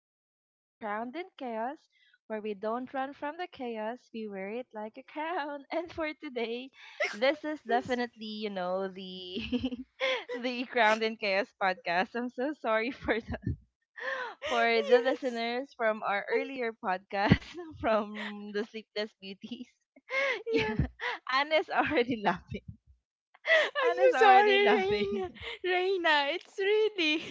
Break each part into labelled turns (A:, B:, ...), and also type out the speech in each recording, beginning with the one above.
A: listening to Crowned in Chaos, where we don't run from the chaos, we wear it like a crown. And for today, this is definitely, you know, the the Crowned in Chaos podcast. I'm so sorry for for the
B: Yes.
A: listeners from our
B: I'm,
A: earlier podcast from the Sleepless Beauties.
B: yeah.
A: Yeah, Anna's already laughing. Anna's
B: I'm so
A: already
B: sorry,
A: laughing.
B: Reina. Reina, it's really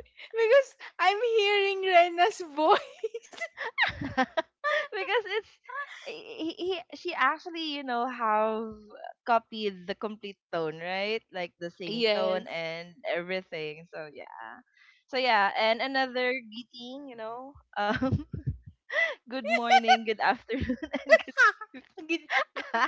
B: because I'm hearing Reina's voice.
A: Because it's she actually you know have copied the complete tone, right, like the same tone
B: Yes.
A: and everything, so yeah. So yeah, and another greeting, you know, good morning, good afternoon and good
B: Gid-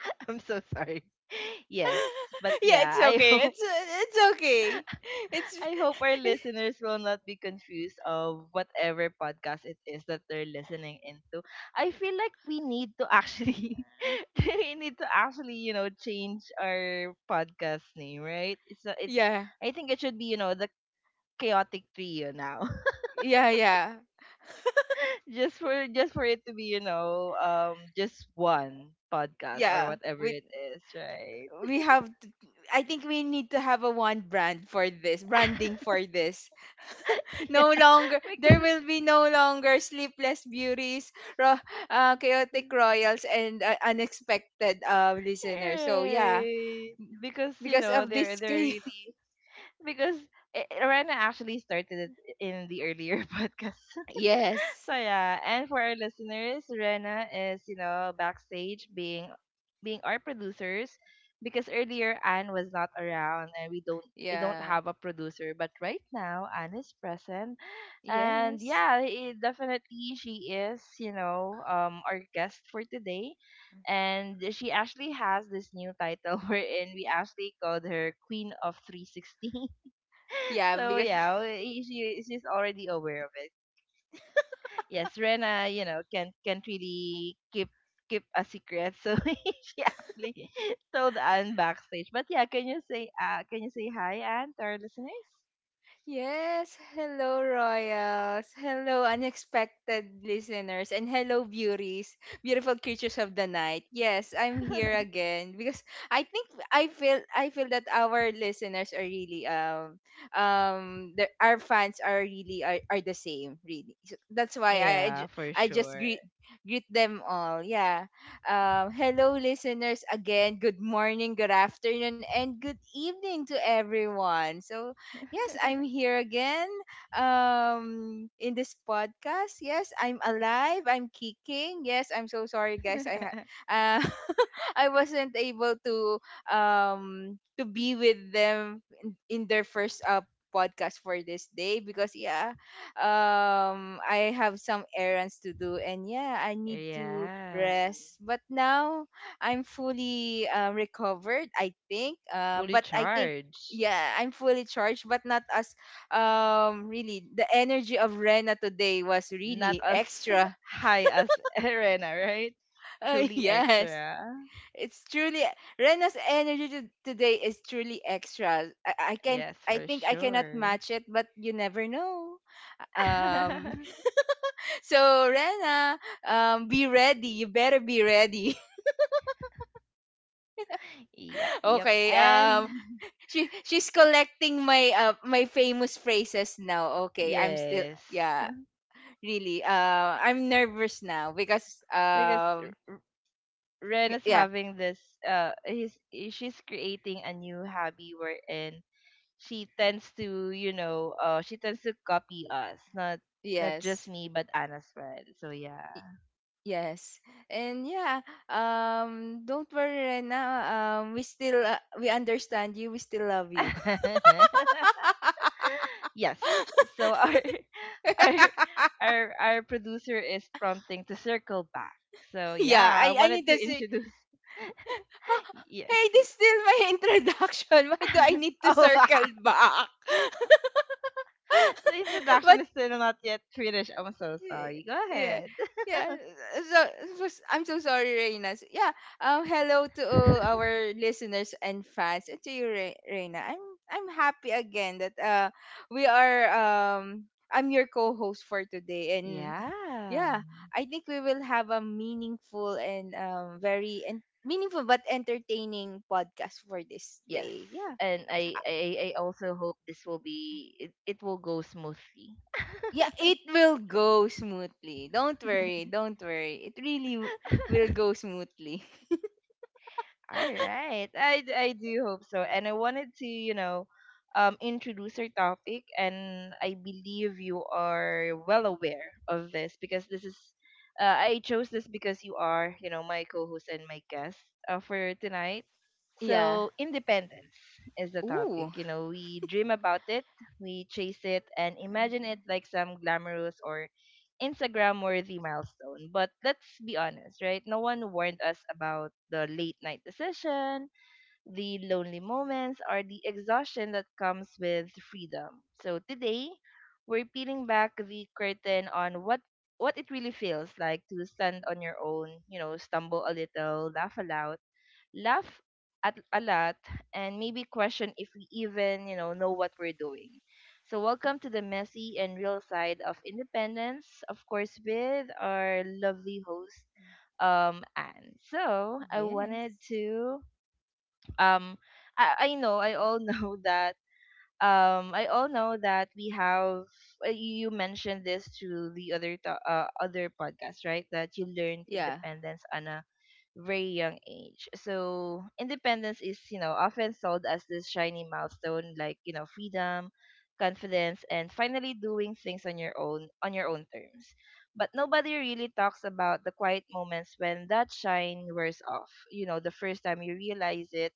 A: I'm so sorry yes, but
B: yeah,
A: yeah,
B: it's
A: I
B: okay.
A: hope
B: It's okay. It's
A: I hope our listeners will not be confused of whatever podcast it is that they're listening into. I feel like we need to actually we need to actually, you know, change our podcast name, right? It's
B: yeah,
A: I think it should be, you know, the chaotic trio now.
B: yeah, yeah,
A: Just for it to be, you know, just one podcast or
B: yeah.
A: whatever
B: We
A: it is, right?
B: we have. I think we need to have a one brand for this branding for this
A: Yeah.
B: no longer there
A: Because
B: will be no longer sleepless beauties ro- chaotic royals and unexpected listeners, so yeah,
A: right. Because you
B: because
A: know
B: of
A: they're
B: this
A: they're
B: chaos.
A: really because Rena actually started it in the earlier podcast.
B: Yes.
A: So yeah, and for our listeners, Rena is, you know, backstage being being our producers because earlier Anne was not around and we don't
B: Yeah.
A: have a producer, but right now Anne is present. And
B: Yes.
A: yeah, I definitely she is, you know, our guest for today. And she actually has this new title wherein we actually called her Queen of 360.
B: Yeah.
A: So
B: Because
A: yeah, she she's already aware of it. Yes, Rena, you know, can't really keep keep a secret, so she actually told Anne backstage. But yeah, can you say hi, Anne, to our listeners?
B: yes, hello Royals. Hello unexpected listeners and hello beauties, beautiful creatures of the night. Yes, I'm here again because I feel I feel that our listeners are really our fans are really are the same really. So that's why
A: Yeah, for
B: I just
A: sure.
B: greet them all. Yeah. Hello listeners again. Good morning, good afternoon and good evening to everyone. So yes, I'm here again in this podcast. Yes, I'm alive. I'm kicking. Yes, I'm so sorry, guys. Uh, I wasn't able to be with them in their first podcast for this day because yeah, I have some errands to do and yeah, I need to
A: Yeah,
B: rest. But now I'm fully recovered, I think. Uh,
A: fully
B: but I think
A: charged.
B: yeah, I'm fully charged, but not as really the energy of Rena today was
A: Not
B: really
A: as
B: extra.
A: high as Rena, right?
B: Uh,
A: Truly
B: yes,
A: extra.
B: it's truly today is truly extra. I can't.
A: Yes,
B: I
A: for
B: think I cannot
A: sure.
B: match it, but you never know. Um, so Rena, be ready. You better be ready.
A: Yep, yep.
B: Okay.
A: And
B: She she's collecting my famous phrases now. Okay, I'm still
A: yes,
B: yeah really I'm nervous now because
A: because Ren is
B: yeah.
A: having this. He's She's creating a new hobby wherein she tends to, you know, she tends to copy us, not not just
B: Yes.
A: me, but Anna's friend. So yeah.
B: Yes. And yeah, don't worry right now, we still we understand you, we still love you.
A: Yes. So our our our producer is prompting to circle back. So
B: Yeah,
A: yeah, I
B: I need
A: wanted to
B: to say
A: introduce.
B: "Huh?
A: Yes.
B: Hey, this is still my introduction, why do I need to
A: Oh.
B: circle back?
A: The
B: But
A: introduction is still not yet finished. I'm so
B: yeah,
A: sorry. Go
B: yeah,
A: ahead.
B: yeah. So, I'm so sorry, Reina. Yeah. Hello to all our listeners and fans, and to you, Reina. I'm happy again that we are I'm your co-host for today, and
A: Yeah.
B: yeah, I think we will have a meaningful and very and meaningful but entertaining podcast for this
A: Yes.
B: day. Yeah.
A: And I also hope this will be it will go smoothly.
B: Yeah, it will go smoothly. Don't worry, don't worry. It really will go smoothly.
A: All right. I do hope so. And I wanted to, you know, introduce our topic. And I believe you are well aware of this because this is, uh, I chose this because you are, you know, my co host and my guest for tonight.
B: Yeah.
A: So, independence is the
B: Ooh.
A: topic. You know, we dream about it, we chase it, and imagine it
B: Mhm.
A: like some glamorous or Instagram worthy milestone. But let's be honest, right? No one warned us about the late night decision, the lonely moments, or the exhaustion that comes with freedom. So today, we're peeling back the curtain on what it really feels like to stand on your own, you know, stumble a little, laugh aloud, laugh at a lot, and maybe question if we even, you know what we're doing. So welcome to the messy and real side of independence, of course with our lovely host Anne. So, I wanted
B: Yes.
A: to um I know I all know that I all know that we have you you mentioned this to the other podcast, right? That you learned
B: Yeah.
A: independence on a very young age. So independence is, you know, often sold as this shiny milestone, like, you know, freedom, confidence, and finally doing things on your own terms. But nobody really talks about the quiet moments when that shine wears off. You know, the first time you realize it,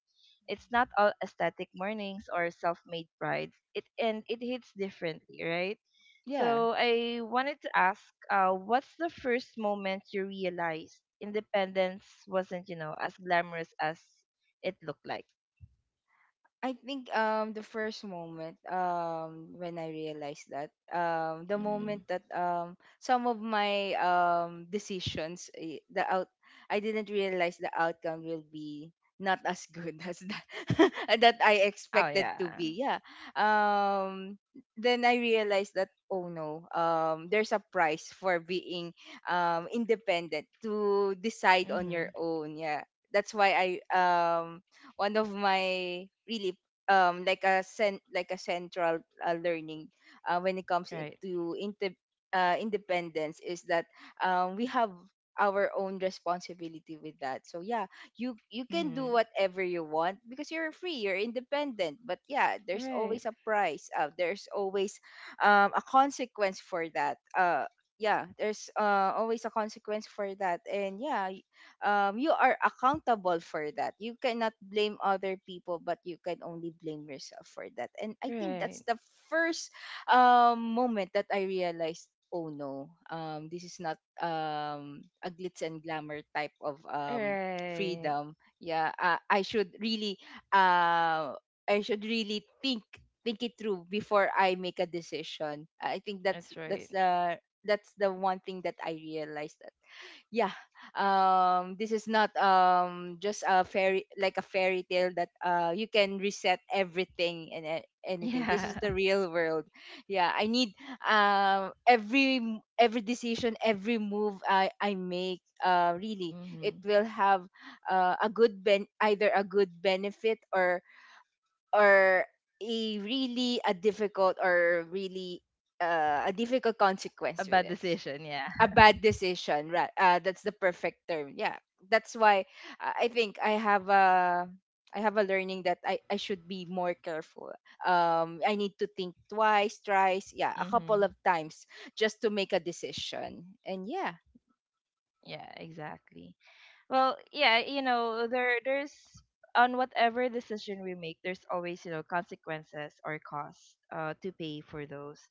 A: it's not all aesthetic mornings or self-made pride. It hits differently, right?
B: Yeah.
A: So I wanted to ask, what's the first moment you realized independence wasn't, you know, as glamorous as it looked like?
B: I think the first moment when I realized that the
A: Mm.
B: moment that some of my decisions the out, I didn't realize the outcome will be not as good as that that I
A: Oh
B: expected to
A: yeah.
B: be, yeah. um then I realized that oh no, there's a price for being independent, to decide on your
A: Mm-hmm.
B: own. Yeah, that's why I, um one of my really like a like a central learning when it comes in-
A: Right.
B: to inte- independence is that we have our own responsibility with that. So yeah, you can do
A: Mm-hmm.
B: whatever you want because you're free, you're independent, but yeah, there's
A: Right.
B: always a price, there's always a consequence for that. Yeah, there's always a consequence for that. And yeah, you are accountable for that. You cannot blame other people, but you can only blame yourself for that. And I think that's
A: Right.
B: the first moment that I realized oh no, this is not a glitz and glamour type of
A: Right.
B: freedom. Yeah, I should really uh I should really think it through before I make a decision. I think that's
A: That's right.
B: that's the one thing that I realized. Yeah, this is not just a fairy like a fairy tale that you can reset everything and anything. This is
A: Yeah.
B: the real world. Yeah, I need, every every decision, every move I make, really it
A: Mm-hmm.
B: will have a good ben either a good benefit or a really a difficult
A: A
B: consequence with
A: bad
B: it.
A: decision. Yeah.
B: A bad decision, right? That's the perfect term, yeah. That's why, I think I have a, I have a learning that I should be more careful. I need to think twice, thrice, yeah, a couple
A: Mm-hmm.
B: of times just to make a decision. And yeah,
A: Yeah. Exactly. Well, yeah, you know, there's on whatever decision we make, there's always, you know, consequences or costs to pay for those.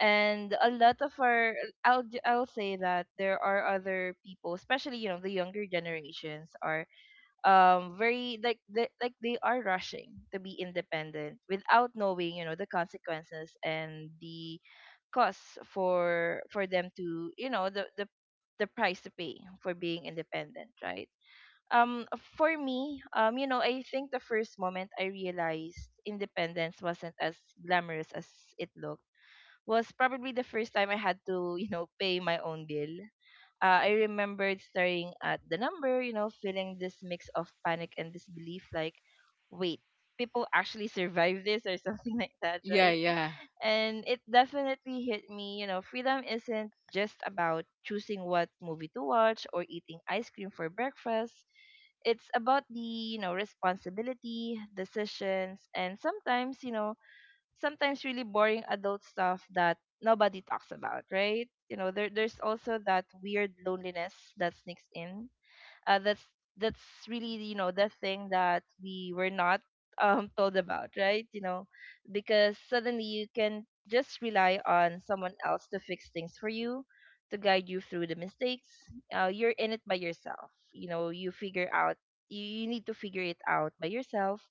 A: And a lot of our I'll say that there are other people, especially, you know, the younger generations are very like like they are rushing to be independent without knowing, you know, the consequences and the costs for them to, you know, the price to pay for being independent, right? um for me, you know, I think the first moment I realized independence wasn't as glamorous as it looked was probably the first time I had to you know pay my own bill. I remembered staring at the number, you know, feeling this mix of panic and disbelief, like, wait, people actually survive this or something like that,
B: yeah,
A: right?
B: yeah,
A: And it definitely hit me, you know, freedom isn't just about choosing what movie to watch or eating ice cream for breakfast. It's about the, you know, responsibility, decisions, and sometimes, you know, sometimes really boring adult stuff that nobody talks about, right? You know, there's also that weird loneliness that sneaks in. uh, that's that's really, you know, the thing that we were not told about, right, you know, because suddenly you can just rely on someone else to fix things for you, to guide you through the mistakes. You're in it by yourself, you know, you figure out you need to figure it out by yourself.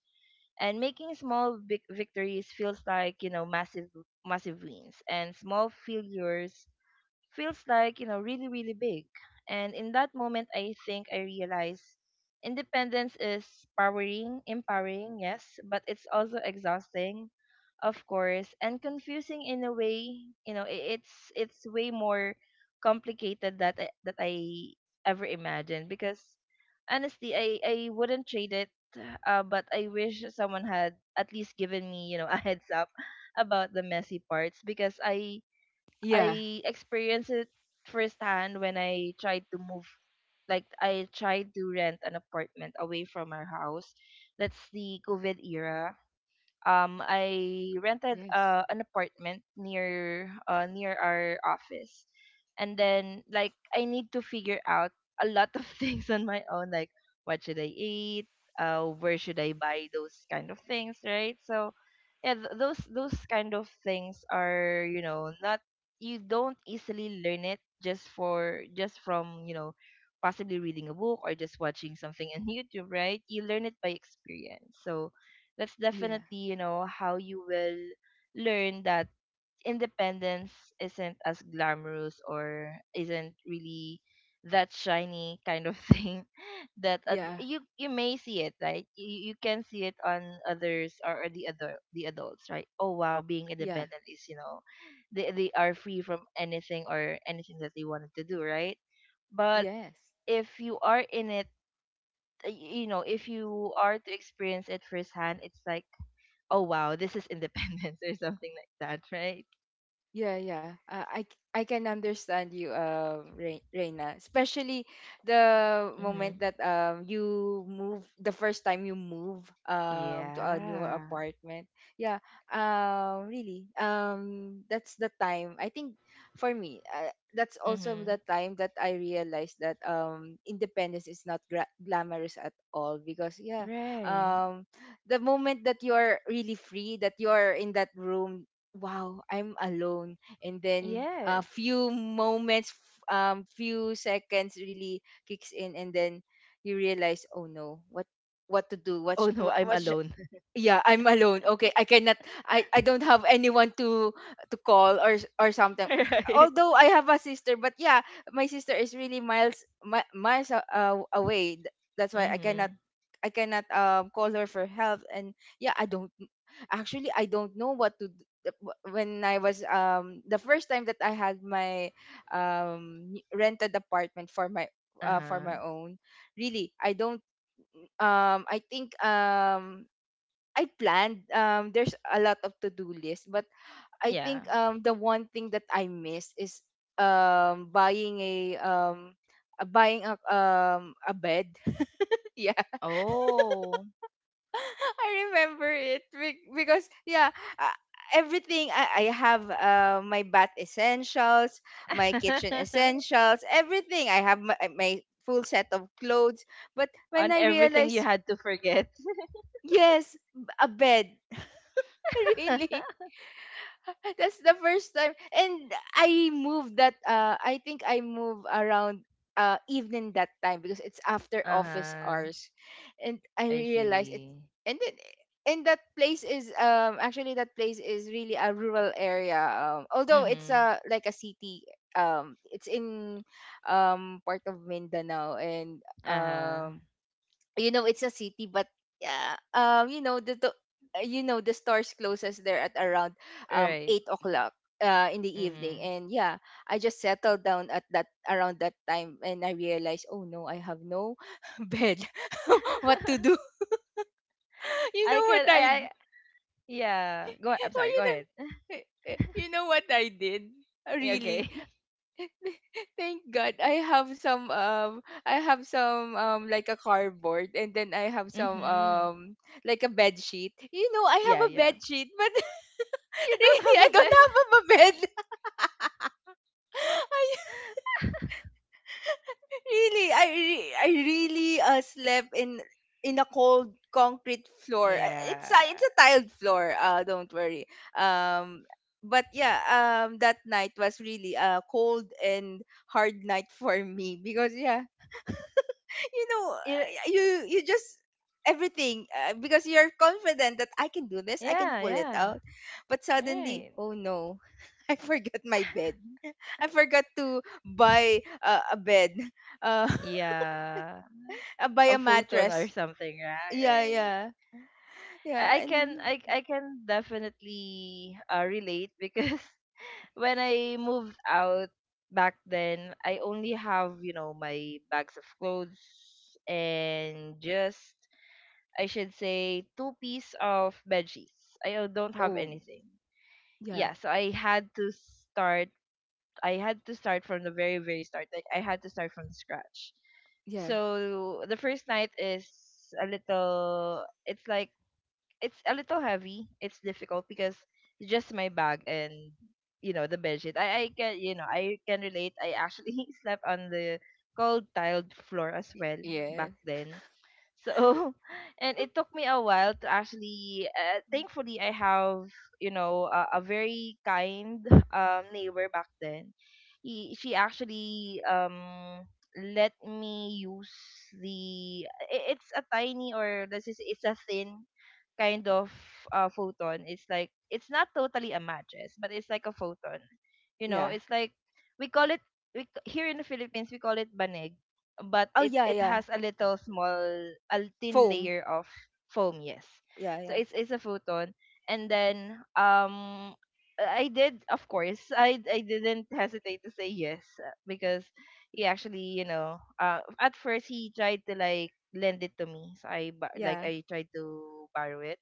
A: And making small victories feels like, you know, massive massive wins, and small failures feels like, you know, really, really big. And in that moment, I think I realized independence is powering, empowering, yes, but it's also exhausting, of course, and confusing in a way. You know, it's way more complicated that I ever imagined. Because honestly, I wouldn't trade it, but I wish someone had at least given me, you know, a heads up about the messy parts. Because
B: yeah.
A: I experienced it firsthand when I tried to move, like I tried to rent an apartment away from our house. That's the COVID era. I
B: Yes.
A: rented an apartment near near our office. And then like I need to figure out a lot of things on my own, like what should I eat? Where should I buy those kind of things, right? So yeah, those kind of things are, you know, not you don't easily learn it just for just from, you know, possibly reading a book or just watching something on YouTube, right? You learn it by experience. So that's
B: Yeah,
A: definitely, you know, how you will learn that independence isn't as glamorous or isn't really that shiny kind of thing that
B: yeah,
A: you you may see, it right? You can see it on others, or the other the adults, right? Oh wow, being
B: yeah.
A: independent is, you know, they are free from anything or anything that they wanted to do, right? But
B: Yes.
A: if you are in it, you know, if you are to experience it firsthand, it's like, oh wow, this is independence or something like that, right?
B: Yeah, yeah. I can understand you, Reina. Especially the
A: Mm-hmm.
B: moment that you move, the first time you move to a new
A: Yeah.
B: apartment. Yeah. Really. That's the time. I think for me, that's also
A: Mm-hmm.
B: the time that I realized that independence is not glamorous at all because yeah.
A: Right.
B: Um the moment that you're really free, that you're in that room, wow, I'm alone. And then a
A: Yes.
B: few moments, few seconds, really kicks in. And then you realize oh no, what, what to do,
A: Oh no, I'm
B: what sh-
A: alone.
B: yeah, I'm alone. Okay, I cannot, I don't have anyone to call or or something.
A: Right.
B: Although I have a sister, but yeah, my sister is really miles away. That's why I cannot,
A: Mm-hmm.
B: I cannot call her for help. And yeah, I don't, actually I don't know what to when I was the first time that I had my rented apartment for
A: Uh-huh.
B: my own, really I don't, I think I planned, there's a lot of to-do list but I
A: Yeah.
B: think the one thing that I miss is buying a buying a bed.
A: Oh.
B: I remember it because yeah, uh, everything, I have my bath essentials, my kitchen essentials, everything. I have my full set of clothes. But when
A: On
B: I
A: everything you
B: realized,
A: had to forget.
B: yes, a bed. Really, that's the first time. And I moved that I think I move around evening that time because it's after office
A: Uh-huh.
B: hours. And I
A: I
B: realized it,
A: see.
B: and then, and that place is actually that place is really a rural area. Although it's
A: Mm-hmm.
B: a like a city, it's in part of Mindanao. And
A: Uh-huh.
B: um you know, it's a city, but yeah, you know, the you know, the stores closes there at around
A: Right.
B: 8 o'clock in the evening.
A: Mm-hmm.
B: And yeah, I just settled down at that around that time and I realized oh no, I have no bed. What to do? You know what I
A: I yeah. Go, I'm
B: well,
A: sorry,
B: you
A: go
B: know,
A: ahead.
B: you know what I did, really.
A: Okay.
B: Thank God I have some like a cardboard, and then I have some
A: Mm-hmm.
B: like a bed sheet. You know, I have
A: Yeah,
B: a
A: yeah.
B: bed sheet, but
A: You don't
B: really
A: have
B: I
A: a
B: don't
A: bed.
B: have a bed. I Really, I really slept in a cold concrete floor. It's a,
A: Yeah.
B: it's a tiled floor. Uh, don't worry. Um but yeah, that night was really a cold and hard night for me because yeah, you know,
A: It,
B: you you just everything, because you're confident that I can do this, I can
A: yeah,
B: pull it
A: yeah.
B: out. But suddenly,
A: Right.
B: oh no, I forgot my bed. I forgot to buy a bed, uh,
A: Yeah.
B: buy
A: A
B: a
A: photon or
B: mattress.
A: something, right?
B: Yeah,
A: Right.
B: yeah, yeah, and
A: I can definitely relate because when I moved out back then, I only have, you know, my bags of clothes and just I should say two piece of bed sheets. I don't have
B: oh
A: anything.
B: yeah,
A: Yeah, so I had to start I had to start from the very, very start. Like I had to start from scratch.
B: yeah,
A: So the first night is a little it's like it's a little heavy. It's difficult because it's just my bag and you know the bedsheet. I can, you know, I can relate. I actually slept on the cold tiled floor as well back
B: yeah,
A: then. So and it took me a while to actually. Thankfully, I have, you know, a very kind neighbor back then. She actually let me use the. It's a tiny, or let's just say it's a thin kind of photon. It's like it's not totally a matches, but it's like a photon. You know,
B: yeah.
A: it's like we call it, here in the Philippines we call it baneg, but
B: Oh
A: it
B: yeah,
A: it
B: yeah,
A: has a little small, a thin
B: foam.
A: layer of foam. Yes.
B: Yeah,
A: So
B: yeah,
A: it's a futon. And then I did, of course, I didn't hesitate to say yes, because he actually, you know, at first he tried to like lend it to me, so like
B: yeah.
A: I tried to borrow it,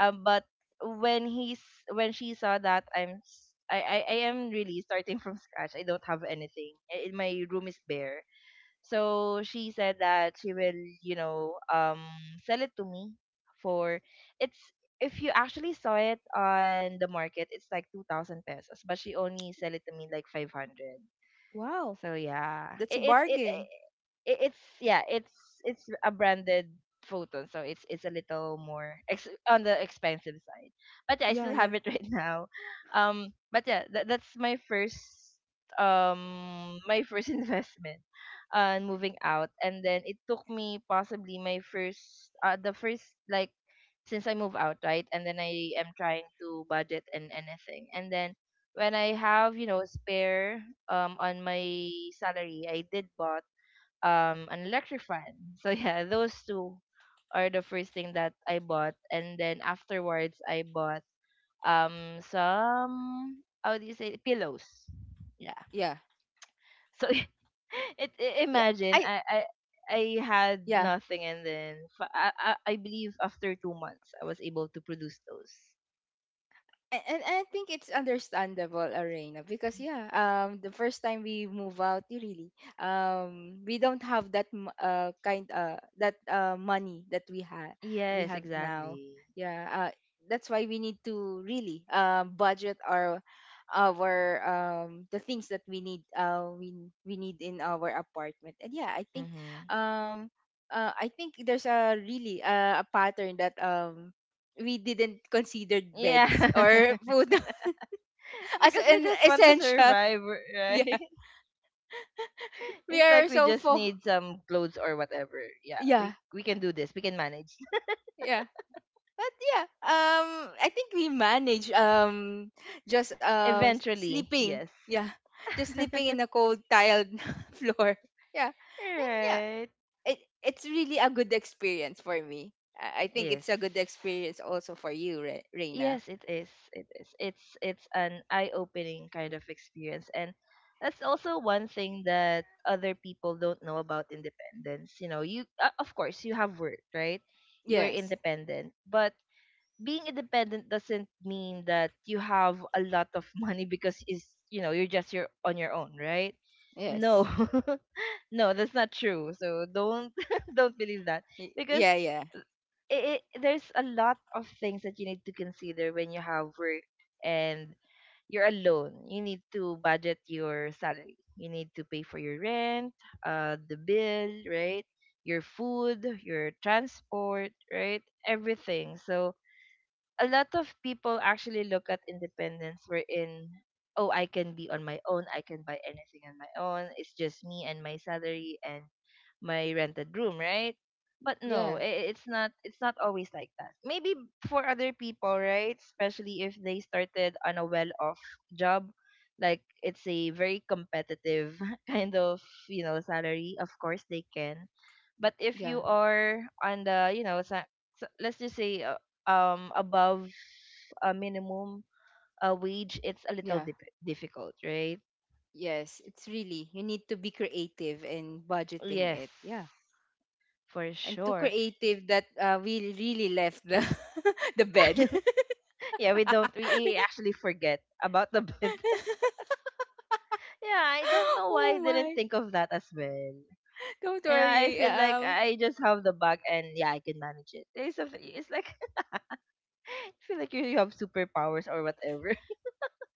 A: but when he's when she saw that I am really starting from scratch. I don't have anything. My room is bare. So she said that she will, you know, sell it to me for, it's if you actually saw it on the market, it's like 2,000 pesos, but she only sell it to me like 500.
B: Wow,
A: So yeah,
B: that's a
A: it, it's it,
B: bargain.
A: it it's yeah it's a branded photon, so it's a little more on the expensive side. But yeah, I
B: Yeah,
A: still
B: yeah,
A: have it right now. But yeah, that's my first my first investment on moving out, and then it took me possibly my first the first, like, since I move out, right? And then I am trying to budget and anything. And then when I have, you know, spare on my salary, I did bought an electric fan. So yeah, those two are the first thing that I bought. And then afterwards I bought some, how do you say, pillows. Yeah.
B: yeah,
A: So it, I
B: yeah. I
A: imagine I had
B: Yeah.
A: nothing, and then I believe after 2 months I was able to produce those.
B: And I think it's understandable, Arena, because yeah, the first time we move out, you really, we don't have that m- kind that money that we
A: Yes,
B: have now.
A: exactly.
B: Yeah, that's why we need to really budget our the things that we need in our apartment. And yeah,
A: Mm-hmm.
B: um. I think there's a really a pattern that we didn't consider
A: Yeah,
B: beds or food as
A: because we
B: an
A: just want to
B: essential.
A: survive,
B: Yeah.
A: right?
B: We
A: It's
B: are
A: like we
B: so
A: just
B: full.
A: need some clothes or whatever. Yeah,
B: Yeah.
A: we can do this. We can manage
B: Yeah. But yeah, um I think we manage just
A: eventually.
B: sleeping.
A: Yes.
B: Yeah. Just sleeping in a cold tiled floor. Yeah. And yeah,
A: Right.
B: it it's really a good experience for me. I think
A: Yes.
B: it's a good experience also for you, Reina.
A: Yes, it is. It is. It's an eye-opening kind of experience, and that's also one thing that other people don't know about independence. You know, you, of course, you have work, right? You are
B: Yes.
A: independent, but being independent doesn't mean that you have a lot of money, because is, you know, you're just your on your own, right? No,
B: Yes.
A: no, that's not true. So don't don't believe that, because
B: Yeah, yeah.
A: it there's a lot of things that you need to consider when you have work and you're alone. You need to budget your salary. You need to pay for your rent, the bill, right? Your food, your transport, right? Everything. So a lot of people actually look at independence, wherein, oh, I can be on my own, I can buy anything on my own, it's just me and my salary and my rented room, right? But no,
B: Yeah.
A: it's not always like that, maybe for other people, right? Especially if they started on a well off job, like it's a very competitive kind of, you know, salary, of course they can. But if
B: Yeah.
A: you are on the, you know, let's just say, above a minimum wage, it's a
B: Yeah.
A: little dip difficult, right?
B: Yes, it's really, you need to be creative in budgeting
A: Yes,
B: it. Yeah.
A: for
B: And too
A: sure.
B: creative that we really left the the bed.
A: Yeah, we don't we actually forget about the bed. Yeah, I don't know why I
B: Oh
A: didn't
B: my.
A: think of that as well.
B: Don't
A: You know, I
B: worry.
A: feel like I just have the bag and yeah, I can manage it. It's something. It's like I feel like you have superpowers or whatever,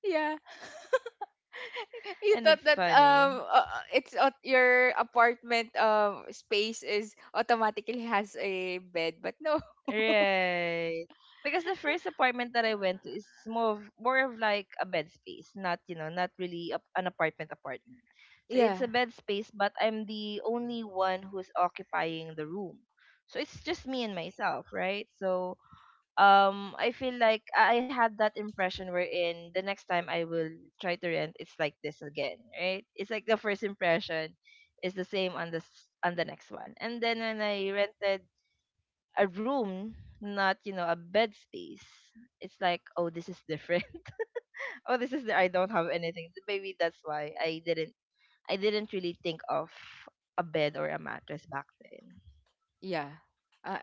B: Yeah. You
A: and
B: thought
A: it's
B: that
A: funny.
B: it's your apartment space is automatically has a bed, but no.
A: Right. Because the first apartment that I went to is more of like a bed space, not, you know, not really an apartment apartment. So it's
B: Yeah.
A: a bed space, but I'm the only one who's occupying the room. So it's just me and myself, right? So I feel like I had that impression wherein the next time I will try to rent, it's like this again, right? It's like the first impression is the same on on the next one. And then when I rented a room, not, you know, a bed space. It's like, oh, this is different. Oh, this is the, I don't have anything. Maybe that's why I didn't really think of a bed or a mattress back then.
B: Yeah. Uh,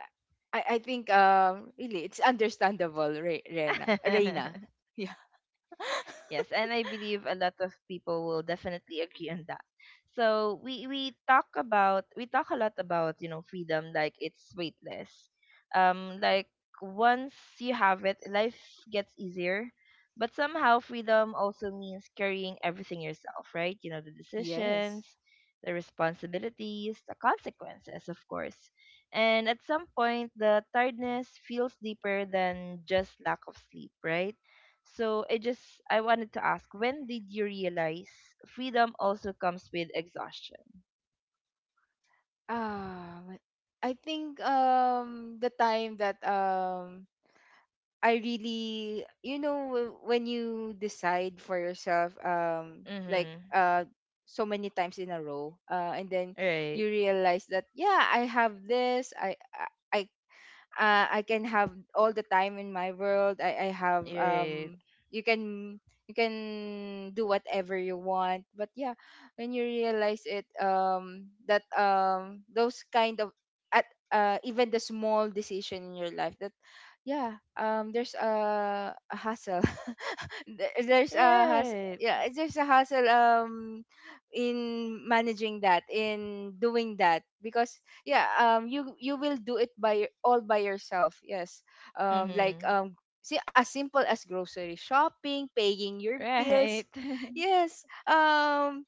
B: I think really it's understandable, Rena. Reina. Yeah.
A: Yes, and I believe a lot of people will definitely agree on that. So we talk a lot about, you know, freedom like it's weightless. Like, once you have it, life gets easier. But somehow freedom also means carrying everything yourself, right? You know, the
B: Yes.
A: decisions, the responsibilities, the consequences, of course. And at some point, the tiredness feels deeper than just lack of sleep, right? So I wanted to ask, when did you realize freedom also comes with exhaustion?
B: Um, I think the time that I really you know when you decide for yourself
A: Mm-hmm.
B: so many times in a row and then
A: Right.
B: you realize that yeah I have this I I can have all the time in my world. I have
A: Right.
B: you can you can do whatever you want. But yeah, when you realize it that those kind of at even the small decision in your life, yeah, there's a hassle.
A: Right.
B: There's a hassle in managing that, in doing that, because yeah, you will do it all by yourself, yes, um like
A: Mm-hmm.
B: um see, as simple as grocery shopping, paying your bills.
A: Right.
B: Yes,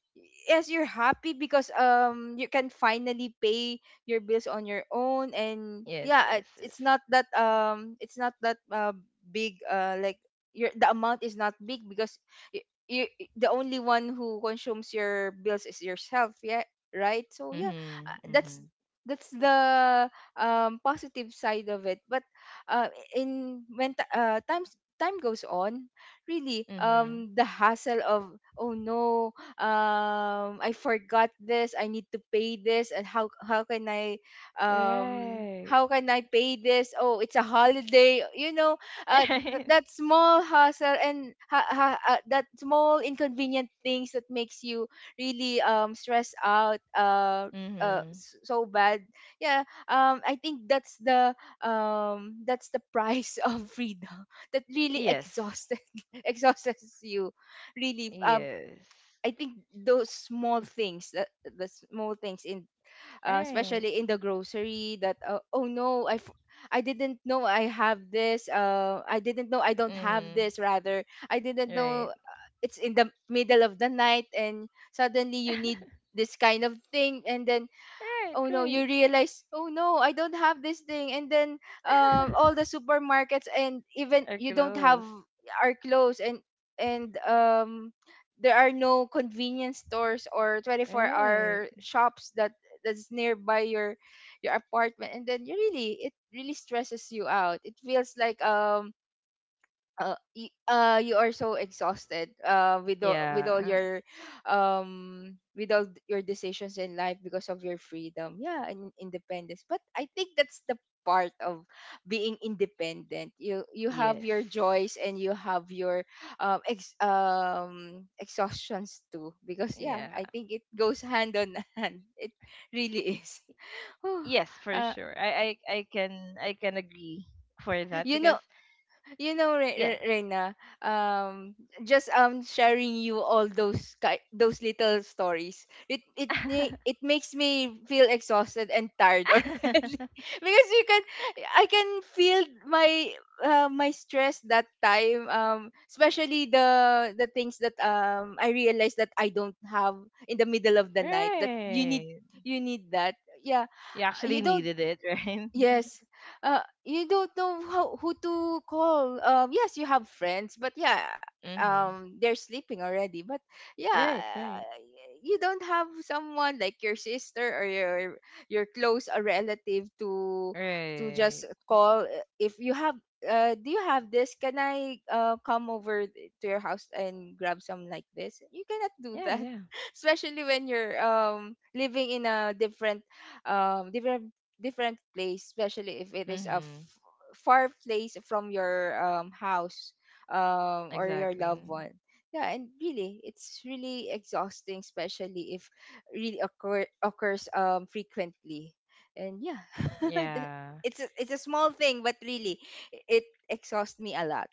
B: yes, you're happy because you can finally pay your bills on your own, and
A: Yes,
B: yeah, it,
A: yes, yes.
B: it's not that it's not that big like your the amount is not big because you, you the only one who consumes your bills is yourself, yeah, right, so yeah, uh,
A: Mm-hmm.
B: that's
A: Mm-hmm.
B: that's the positive side of it. But uh in when time goes on, really,
A: Mm-hmm.
B: the hassle of oh no, I forgot this, I need to pay this, and
A: Right.
B: how can I pay this, oh it's a holiday, you know,
A: Right.
B: that small hassle, and that small inconvenient things that makes you really stressed out,
A: Mm-hmm.
B: so bad. Yeah, I think that's the price of freedom, that really
A: Yes.
B: exhausted, exhausts you really.
A: Yes.
B: I think those small things that the small things in
A: Right.
B: especially in the grocery, that oh no, I didn't know I have this. I didn't know I don't have
A: Mm-hmm.
B: this. Rather, I didn't know
A: Right.
B: it's in the middle of the night, and suddenly you need this kind of thing, and then
A: Right,
B: oh no, you
A: right.
B: realize oh no, I don't have this thing, and then all the supermarkets and even
A: Are
B: you don't have
A: close.
B: are closed, and and um there are no convenience stores or 24
A: Right.
B: hour shops that that's nearby your apartment, and then you really, it really stresses you out, it feels like you are so exhausted with all
A: Yeah.
B: your with all your decisions in life because of your freedom, yeah, and independence. But I think that's the part of being independent, you have
A: Yes.
B: your joys and you have your exhaustions too, because yeah,
A: Yeah.
B: I think it goes hand on hand, it really is. Whew.
A: Yes, for
B: uh,
A: sure. I can I can agree for that,
B: you know
A: because
B: you know,
A: yeah.
B: Reina, um, just sharing you all those those little stories, it it makes me feel exhausted and tired already, because you can I can feel my my stress that time, especially the things that I realized that I don't have in the middle of the night, that you need,
A: Right.
B: you need that, yeah,
A: You actually
B: you don't.
A: needed it, right?
B: Yes. You don't know how, who to call. Yes, you have friends, but yeah,
A: Mhm.
B: they're sleeping already. But yeah,
A: Right, right.
B: you don't have someone like your sister or your close a relative to just
A: Right.
B: call. If you have, do you have this? Can I come over to your house and grab some like this? You cannot do
A: Yeah,
B: that,
A: yeah.
B: especially when you're living in a different um different different place, especially if it is a
A: Mhm.
B: far place from your house, or your loved
A: Exactly.
B: one. Yeah, and really, it's really exhausting, especially if really occurs frequently. And yeah, that-
A: Yeah.
B: it's a small thing, but really, it exhausts me a lot.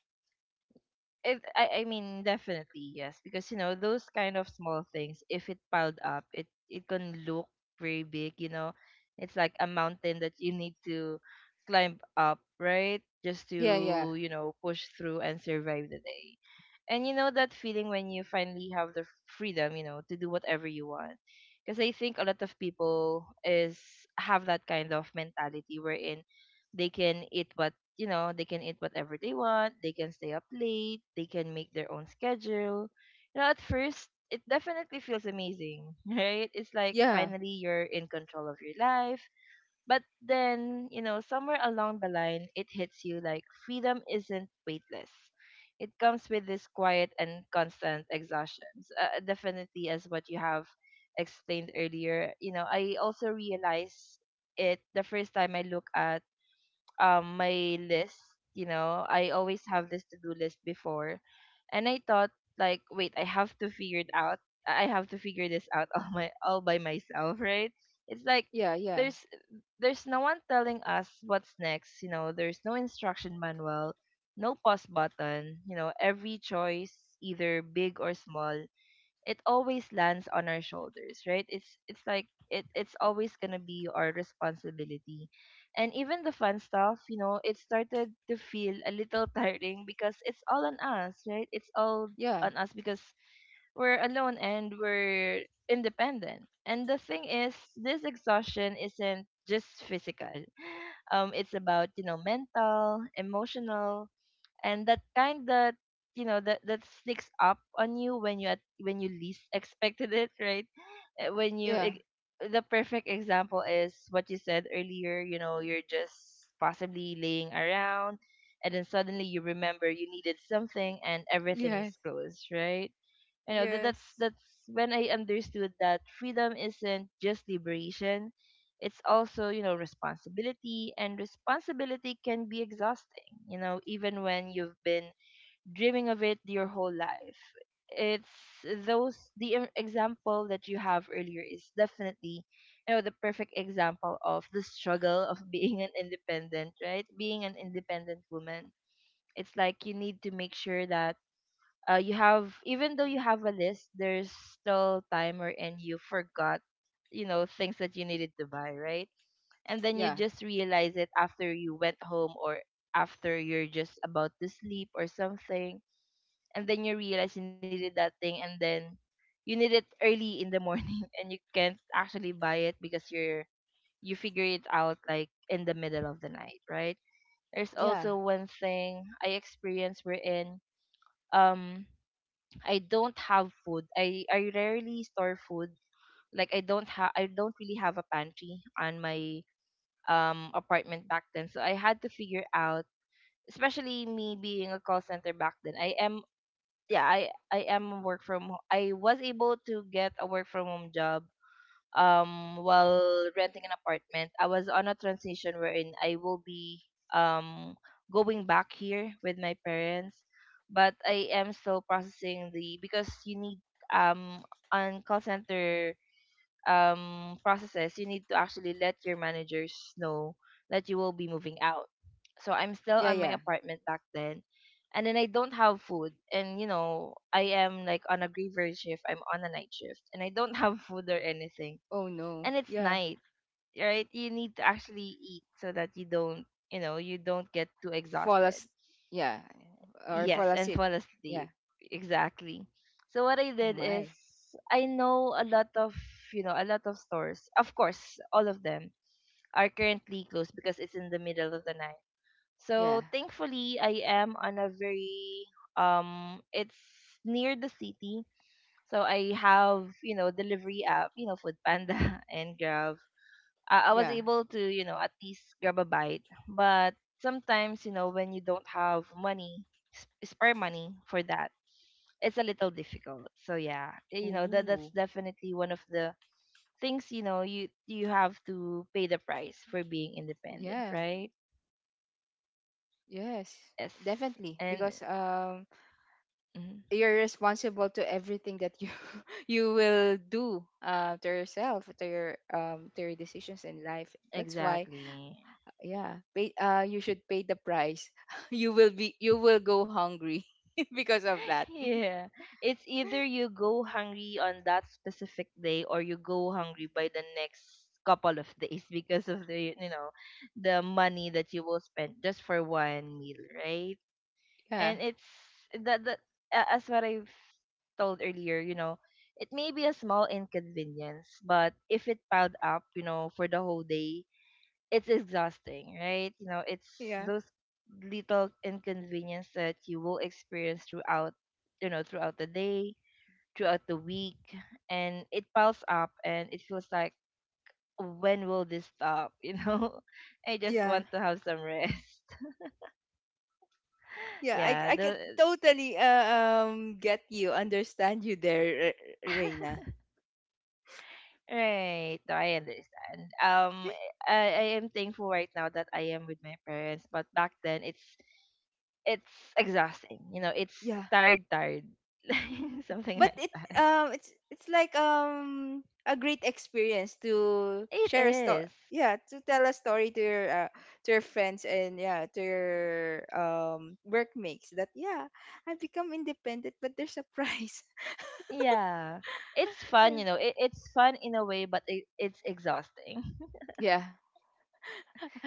A: I mean, definitely yes, because you know those kind of small things, if it piled up, it can look very big. You know, it's like a mountain that you need to climb up, right? Just
B: Yeah, yeah,
A: to, you know, push through and survive the day. And you know that feeling when you finally have the freedom, you know, to do whatever you want. Because I think a lot of people is, have that kind of mentality wherein they can eat what you know, they can eat whatever they want, they can stay up late, they can make their own schedule. You know, at first, it definitely feels amazing, right? It's like
B: yeah,
A: finally you're in control of your life. But then, you know, somewhere along the line, it hits you like freedom isn't weightless. It comes with this quiet and constant exhaustion. So, definitely, as what you have explained earlier, you know, I also realized it the first time I look at my list. You know, I always have this to-do list before, and I thought, like, wait, I have to figure this out all by myself, right? It's like
B: yeah, yeah,
A: there's there's no one telling us what's next, you know, there's no instruction manual, no pause button. You know, every choice, either big or small, it always lands on our shoulders, right? It's like it's always gonna be our responsibility. And even the fun stuff, you know, it started to feel a little tiring because it's all on us, right? It's all
B: yeah,
A: on us because we're alone and we're independent. And the thing is, this exhaustion isn't just physical. It's about, you know, mental, emotional, and that kind that, you know, that sneaks up on you when you least expected it, right? Uh, when you
B: yeah,
A: ex- the perfect example is what you said earlier, you know, you're just possibly laying around and then suddenly you remember you needed something and everything
B: yes,
A: is closed, right? You know, that's
B: yes,
A: that's when I understood that freedom isn't just liberation, it's also, you know, responsibility, and responsibility can be exhausting, you know, even when you've been dreaming of it your whole life. It's example that you have earlier is definitely, you know, the perfect example of the struggle of being an independent woman. It's like you need to make sure that, you have, even though you have a list, there's still time, or and you forgot, you know, things that you needed to buy, right? And then you
B: yeah,
A: just realize it after you went home, or after you're just about to sleep or something, and then you realize you needed that thing, and then you need it early in the morning, and you can't actually buy it because you figure it out like in the middle of the night, right? There's
B: yeah,
A: also one thing I experienced wherein, um I don't have food. I rarely store food. Like I don't really have a pantry on my apartment back then. So I had to figure out, especially me being a call center back then. I am yeah, I am work I was able to get a work from home job while renting an apartment. I was on a transition wherein I will be um going back here with my parents, but I am still processing the because you need um on call center processes. You need to actually let your managers know that you will be moving out. So I'm still
B: yeah,
A: on
B: yeah.
A: my apartment back then. And then I don't have food, and you know I am like on a graveyard shift, I'm on a night shift and I don't have food or anything.
B: Oh no,
A: And it's
B: yeah.
A: night, right? You need to actually eat so that you don't, you know, you don't get too
B: fall
A: exhausted.
B: as yeah, or fall
A: Yes, and
B: asleep.
A: fall
B: Yeah.
A: asleep. Exactly. So what I
B: Oh
A: did is
B: my.
A: I know a lot of, you know, a lot of stores. Of course, all of them are currently closed because it's in the middle of the night. So
B: Yeah.
A: thankfully, I am on a very It's near the city. So I have, you know, delivery app, you know, Food Panda and Grab. I was
B: Yeah.
A: able to, you know, at least grab a bite. But sometimes, you know, when you don't have money, spare money for that, it's a little difficult. So yeah, you know, that's
B: Ooh.
A: definitely one of the things, you know, you have to pay the price for being independent,
B: Yeah.
A: right?
B: Yes,
A: Yes.
B: definitely, because
A: And mhm,
B: you're responsible to everything that you you will do to yourself, to your decisions in life, that's why
A: exactly.
B: yeah, pay you should pay the price. You will be, you will go hungry because of that.
A: Yeah. It's either you go hungry on that specific day or you go hungry by the next couple of days because of the, you know, the money that you will spend just for one meal, right?
B: Yeah.
A: And it's that as what I've told earlier, you know, it may be a small inconvenience, but if it piled up, you know, for the whole day, it's exhausting, right? You know, it's
B: Yeah.
A: those little inconvenience that you will experience throughout, you know, throughout the day, throughout the week, and it piles up and it feels like when will this stop, you know? I just
B: Yeah.
A: want to have some rest.
B: Yeah,
A: Yeah,
B: I can
A: the
B: totally get you, understand you there, Reina.
A: Right. No, I understand. I am thankful right now that I am with my parents, but back then it's exhausting. You know, it's
B: Yeah,
A: tired, tired, something
B: but
A: like
B: it
A: that.
B: it's like a great experience to
A: It
B: share a story.
A: is.
B: Yeah, to tell a story to your friends, and yeah, to your workmates, that yeah, I become independent, but there's a price.
A: Yeah. It's fun,
B: Yeah.
A: you know. It's fun in a way, but it's exhausting.
B: Yeah.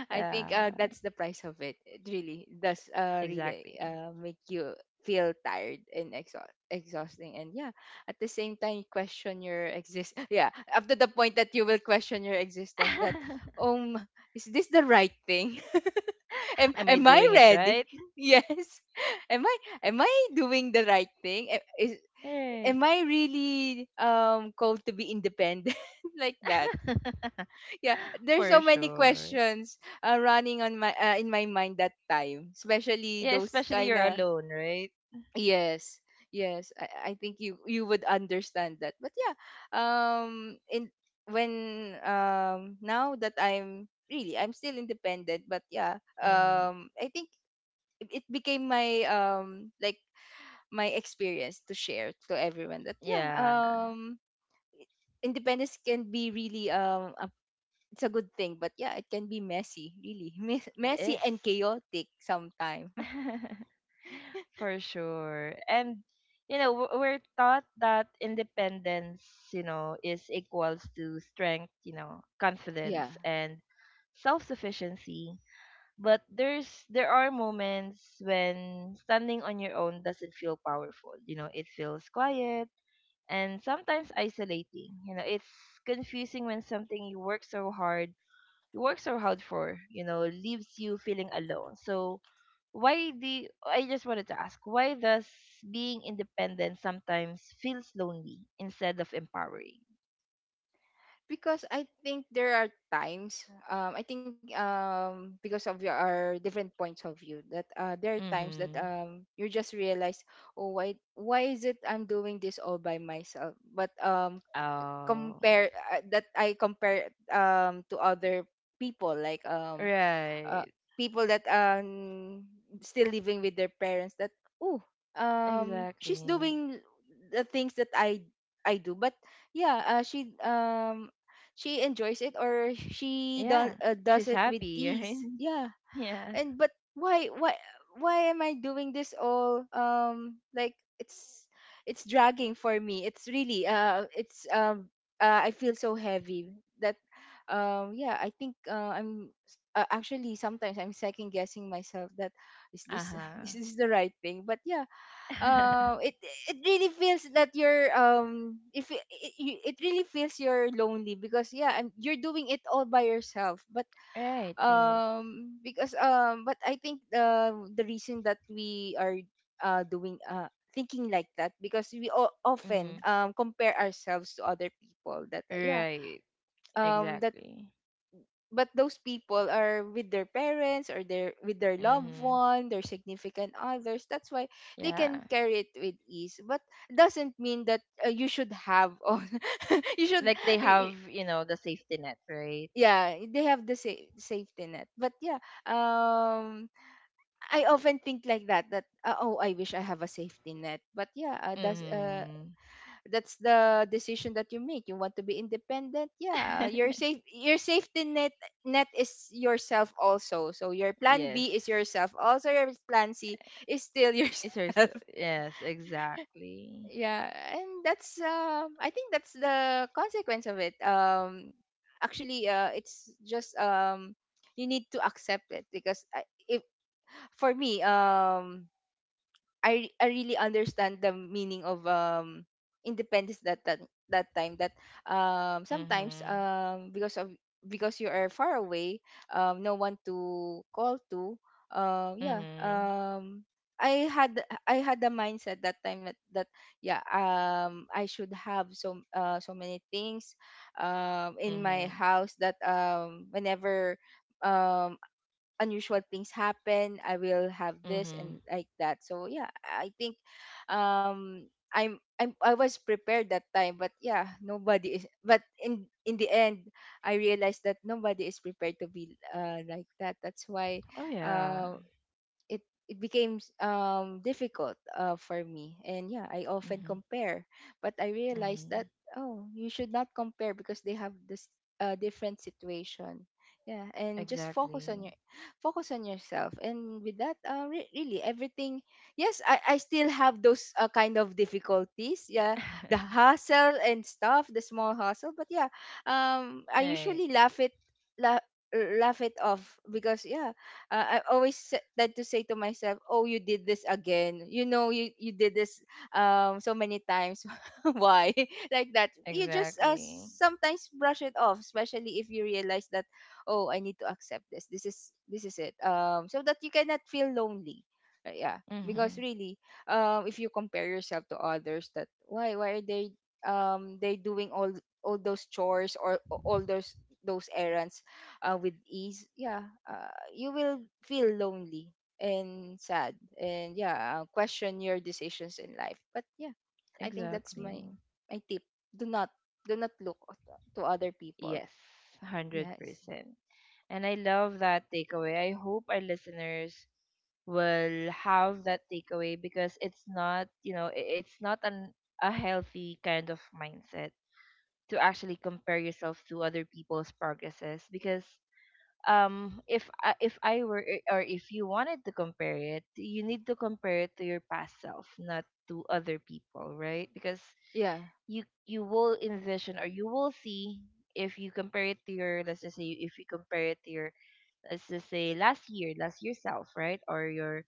B: I think
A: Yeah,
B: that's the price of it. It really does really
A: exactly.
B: make you feel tired and exhausting. And yeah, at the same time, you question your exist. Yeah, up to the point that you will question your existence that, um, is this the right thing?
A: Am I
B: Am I
A: doing it
B: ready?
A: right?
B: Yes. Am I doing the right thing?
A: Right.
B: Am I really called to be independent like that? Yeah, there's so
A: For
B: many
A: sure.
B: questions running on my in my mind that time, especially
A: Yeah,
B: those
A: especially
B: kind
A: you're
B: of,
A: alone, right?
B: yes, yes, I think you you would understand that. But yeah, in when now that I'm really, I'm still independent, but yeah,
A: Mm-hmm.
B: I think it it became my like my experience to share to everyone, that yeah,
A: Yeah.
B: independence can be really a it's a good thing. But yeah, it can be messy, really. Messy
A: Yes,
B: and chaotic sometimes.
A: for sure. And you know, we're taught that independence, you know, is equals to strength, you know, confidence
B: Yeah.
A: and self-sufficiency. But there are moments when standing on your own doesn't feel powerful. You know, it feels quiet and sometimes isolating. You know, it's confusing when something you work so hard for, you know, leaves you feeling alone. So I just wanted to ask, why does being independent sometimes feels lonely instead of empowering?
B: Because I think there are times, I think because of your, our different points of view, that there are times that
A: Mhm.
B: you just realize, oh, why is it I'm doing this all by myself? But
A: Oh.
B: compare that I compare to other people, like uh,
A: Right.
B: people that still living with their parents, that oh, she's
A: Exactly.
B: doing the things that I do, but yeah, she enjoys it, or she
A: Yeah.
B: does
A: She's
B: it with
A: happy, right?
B: ease, yeah.
A: Yeah.
B: And but why am I doing this all like, it's dragging for me, it's really it's I feel so heavy, that yeah, I think actually sometimes I'm second guessing myself, that is this is
A: Uh-huh.
B: this the right thing. But yeah, it it really feels that you're if it really feels you're lonely, because yeah, and you're doing it all by yourself. But
A: Right, right.
B: because but I think the reason that we are doing thinking like that, because we often
A: Mm.
B: compare ourselves to other people, that yeah,
A: Right.
B: that
A: Exactly.
B: but those people are with their parents or their with their loved
A: Mhm.
B: one, their significant others, that's why they
A: Yeah.
B: can carry it with ease, but doesn't mean that you should have all you should
A: Like they
B: y- y-
A: have, you know, the safety net, right?
B: yeah, they have the safety net, but yeah, um I often think like that, that oh I wish I have a safety net, but yeah,
A: Mm-hmm.
B: that's the decision that you make, you want to be independent, yeah. Your safe, your safety net, net is yourself also, so your plan
A: Yes.
B: B is yourself also, your plan C is still
A: It's her. s-
B: yourself.
A: Yes, exactly.
B: Yeah. And that's I think that's the consequence of it, actually it's just you need to accept it, because I, if for me, I really understand the meaning of independence, that that that time that sometimes
A: Mm-hmm.
B: because of, because you are far away, no one to call to, um yeah
A: Mm-hmm.
B: um I had I had the mindset that time, that, that yeah, I should have so so many things in my
A: Mm-hmm.
B: house, that whenever um unusual things happen, I will have this,
A: Mm-hmm.
B: and like that. So yeah, I think um I was prepared that time, but yeah, nobody is. But in the end, I realized that nobody is prepared to be like that, that's why
A: Oh yeah.
B: um it it became difficult for me. And yeah, I often
A: Mm-hmm.
B: compare, but I realized
A: Mm-hmm.
B: that oh, you should not compare, because they have this different situation, yeah. And just focus on
A: Exactly.
B: your focus on yourself, and with that re- really everything. Yes, I still have those kind of difficulties, yeah, the hustle and stuff, the small hustle, but yeah, I
A: Right.
B: usually laugh it la- laugh it off, because yeah, I always tend to say to myself, "Oh, you did this again. You know, you did this so many times. Why like that? You just
A: Exactly.
B: sometimes brush it off, especially if you realize that, oh, I need to accept this. This is it. So that you cannot feel lonely. Yeah,
A: Mm-hmm.
B: because really, if you compare yourself to others, that why are they doing all those chores or all those errands with ease, yeah, you will feel lonely and sad, and yeah, question your decisions in life. But yeah, I think that's my
A: Exactly.
B: my tip. Do not do not look to other people.
A: Yes. one Hundred
B: Yes.
A: percent. And I love that takeaway. I hope our listeners will have that takeaway because it's not you know it's not an a healthy kind of mindset to actually compare yourself to other people's progresses. Because if I were or if you wanted to compare it, you need to compare it to your past self, not to other people, right? Because
B: Yeah.
A: you will envision or you will see if you compare it to your, let's just say, if you compare it to your, let's just say, last year self, right? Or your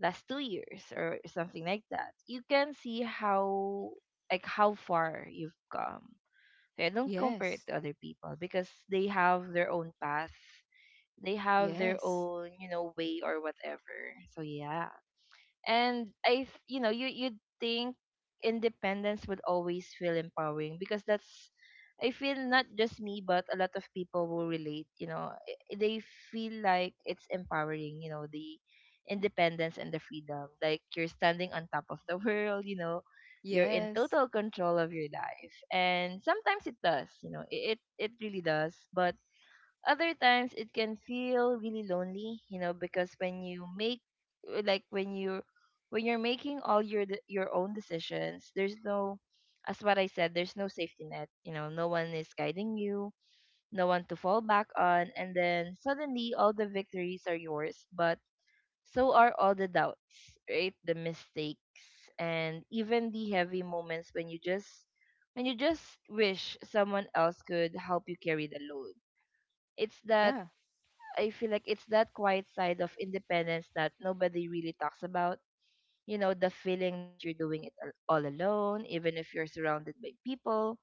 A: last 2 years or something like that, you can see how like how far you've come. So I don't compare it
B: Yes.
A: to other people because they have their own path. They have their
B: Yes.
A: own, you know, way or whatever. So yeah. And you know, you you'd think independence would always feel empowering because that's, I feel, not just me, but a lot of people will relate. You know, they feel like it's empowering, you know, the independence and the freedom, like you're standing on top of the world, you know, you're in
B: Yes.
A: total control of your life, and sometimes it does, you know, it it really does. But other times it can feel really lonely, you know, because when you make like when you're making all your your own decisions, there's no, as what I said, there's no safety net. You know, no one is guiding you, no one to fall back on, and then suddenly all the victories are yours, but so are all the doubts, right, the mistakes and even the heavy moments when you just wish someone else could help you carry the load. It's that,
B: Yeah.
A: I feel like it's that quiet side of independence that nobody really talks about. You know, the feeling that you're doing it all alone, even if you're surrounded by people.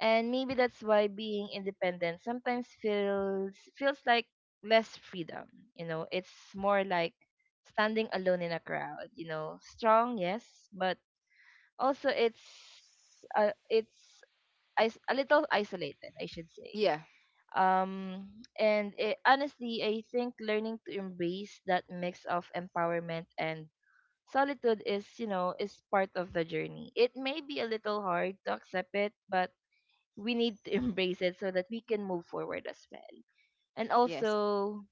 A: And maybe that's why being independent sometimes feels like less freedom. You know, it's more like standing alone in a crowd. You know, strong, yes, but also it's a little isolated, I should say.
B: Yeah.
A: um and it, honestly, I think learning to embrace that mix of empowerment and solitude is, you know, is part of the journey. It may be a little hard to accept it, but we need to embrace it so that we can move forward as well. And
B: Yes.
A: also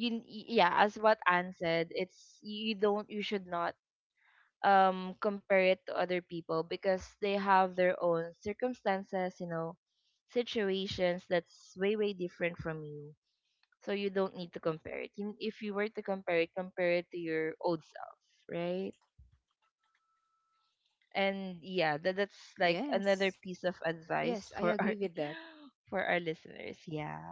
A: you, yeah, as what Anne said, it's you don't, you should not compare it to other people because they have their own circumstances, you know, situations that's way way different from you. So you don't need to compare it. If you were to compare it to your old self, right? And yeah,
B: Yes.
A: that, that's like
B: Yes,
A: another
B: I
A: piece of
B: agree with that.
A: advice for our for our listeners. Yeah.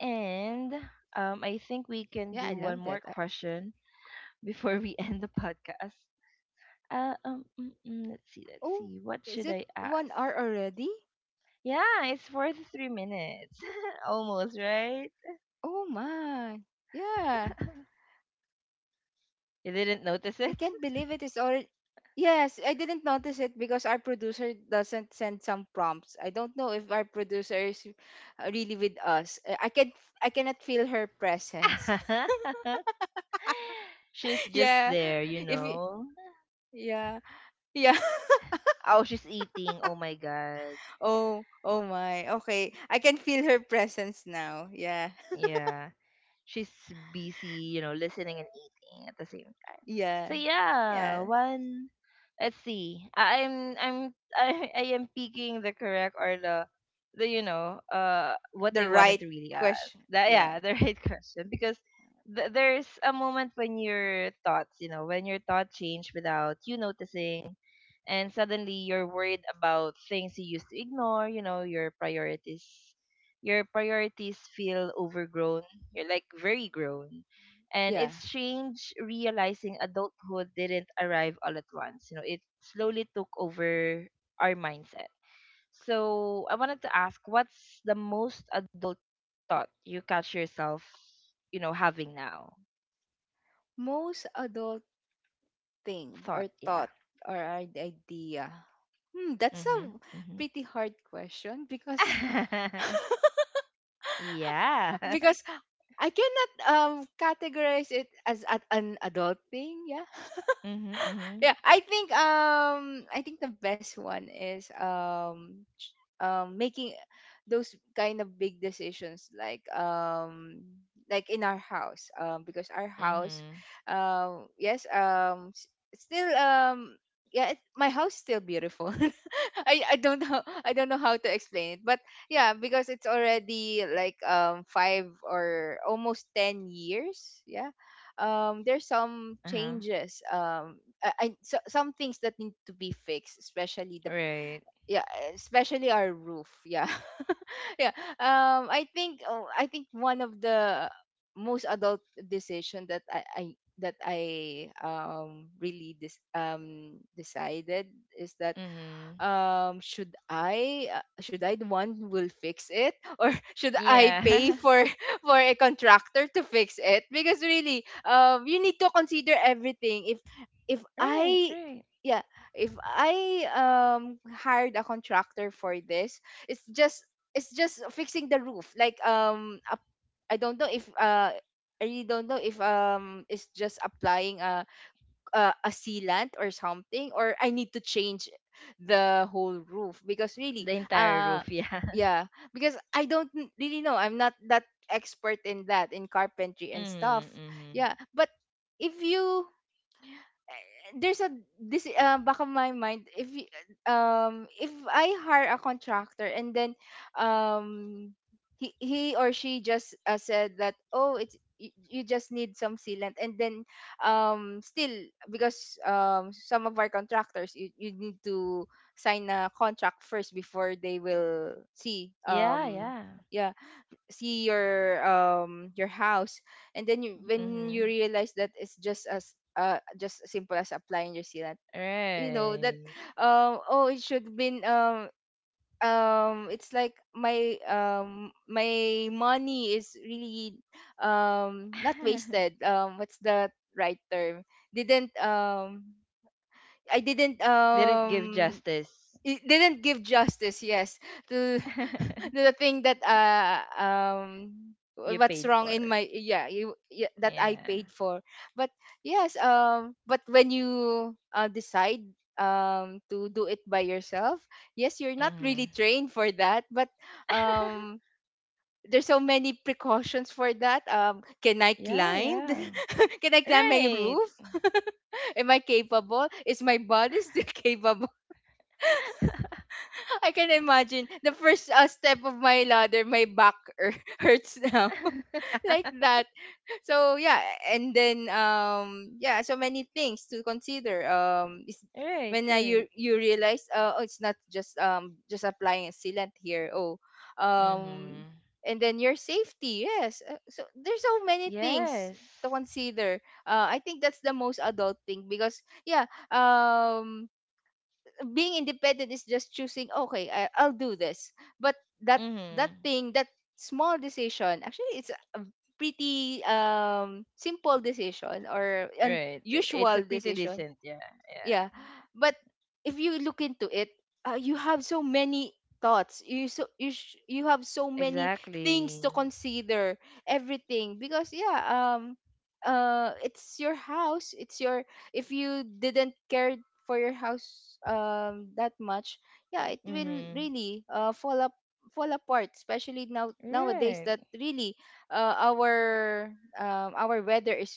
A: And I
B: Yeah, I
A: think
B: love
A: we
B: that.
A: can do one more question before we end the podcast. Let's
B: Oh,
A: see, let's
B: is
A: see.
B: it
A: What should I
B: 1 hour
A: ask?
B: already?
A: Yeah, it's 43 minutes. Almost, right?
B: Oh my. Yeah.
A: You didn't notice
B: I
A: it?
B: can't believe it is already. Yes, I didn't notice it because our producer doesn't send some prompts. I don't know if our producer is really with us. I cannot feel her presence.
A: She's just
B: Yeah.
A: there, you
B: If y-
A: know.
B: Yeah. Yeah.
A: Oh, she's eating. Oh my god.
B: Oh, oh my. Okay. I can feel her presence now. Yeah.
A: Yeah. She's busy, you know, listening and eating at the same time. So
B: Yeah.
A: yeah,
B: Yeah.
A: one. Let's see. I- I'm I am picking the correct or the, you know, what they
B: The
A: wanted
B: right
A: to really ask.
B: question.
A: That
B: Yeah.
A: yeah, the right question. Because there's a moment when your thoughts, you know, when your thought change without you noticing, and suddenly you're worried about things you used to ignore, you know, your priorities feel overgrown, you're like very grown. And it's
B: Yeah.
A: strange realizing adulthood didn't arrive all at once. You know, it slowly took over our mindset. So I wanted to ask, what's the most adult thought you catch yourself, you know, having now?
B: Most adult thing
A: Thought,
B: or
A: yeah.
B: thought or idea? Hmm, that's a
A: Mhm. Mhm.
B: pretty hard question because
A: Yeah.
B: because I cannot categorize it as at an adult thing, yeah.
A: Mhm. Mhm.
B: Yeah, I think the best one is making those kind of big decisions, like in our house, because our house
A: Mhm.
B: yes, still yeah it, my house still beautiful. I don't know, I don't know how to explain it, but yeah, because it's already like 5 or almost 10 years. Yeah, there's some
A: Uh huh.
B: changes. So some things that need to be fixed, especially the,
A: Right.
B: yeah, especially our roof. Yeah. Yeah, I think one of the most adult decision that I that I really dis- decided is that,
A: Mhm.
B: should I should I the one who will fix it, or should I pay
A: Yeah.
B: for for a contractor to fix it? Because really, you need to consider everything. If if
A: Right.
B: i
A: Right.
B: yeah, if I hired a contractor for this, it's just it's just fixing the roof, like I don't know if I really don't know if it's just applying a sealant, or something, or I need to change the whole roof. Because
A: The
B: really,
A: entire roof. Yeah.
B: yeah, because I don't really know, I'm not that expert in that, in carpentry and
A: Mm,
B: stuff.
A: mhm.
B: Yeah, but if you, there's a, this back of my mind, if I hire a contractor, and then um he or she just said that, oh, it's you, you just need some sealant, and then still, because some of our contractors, you need to sign a contract first before they will see,
A: Yeah, yeah.
B: yeah, see your house, and then you when you
A: Mhm.
B: realize that it's just as simple as applying your sealant, you know that,
A: Right.
B: oh, it should have been, it's like my my money is really not wasted, what's the right term? didn't um I didn't
A: Didn't give
B: um
A: justice.
B: it didn't give justice. Yes, to the thing that
A: You
B: what's
A: paid
B: wrong in
A: for.
B: my, yeah, you yeah, that I
A: Yeah.
B: paid for. But yes, but when you decide to do it by yourself, yes, you're not really
A: Mhm.
B: trained for that, but um there's so many precautions for that. Can I
A: Yeah,
B: climb,
A: yeah.
B: can I climb my
A: Right.
B: roof? Am I capable? Is my body still capable? I can imagine the first step of my ladder, my back hurts now, like that. So yeah, and then yeah, so many things to consider. Is
A: Right,
B: When you
A: right.
B: you realize, oh, it's not just just applying a sealant here, oh, um
A: Mhm.
B: and then your safety. Yes, so there's so many things
A: Yes.
B: to consider. I think that's the most adult thing, because yeah, being independent is just choosing, okay, I'll do this, but that, that
A: Mhm.
B: thing, that small decision, actually, it's a pretty simple decision or
A: Right. Right. It's a
B: unusual
A: pretty
B: decision.
A: decent, yeah.
B: Yeah,
A: Yeah.
B: but if you look into it, you have so many thoughts, you have so many things to
A: Exactly.
B: consider, everything, because yeah, it's your house, it's your, if you didn't care for your house that much, yeah, it will
A: Mhm.
B: really fall apart, especially now nowadays,
A: Right.
B: that really uh our our weather is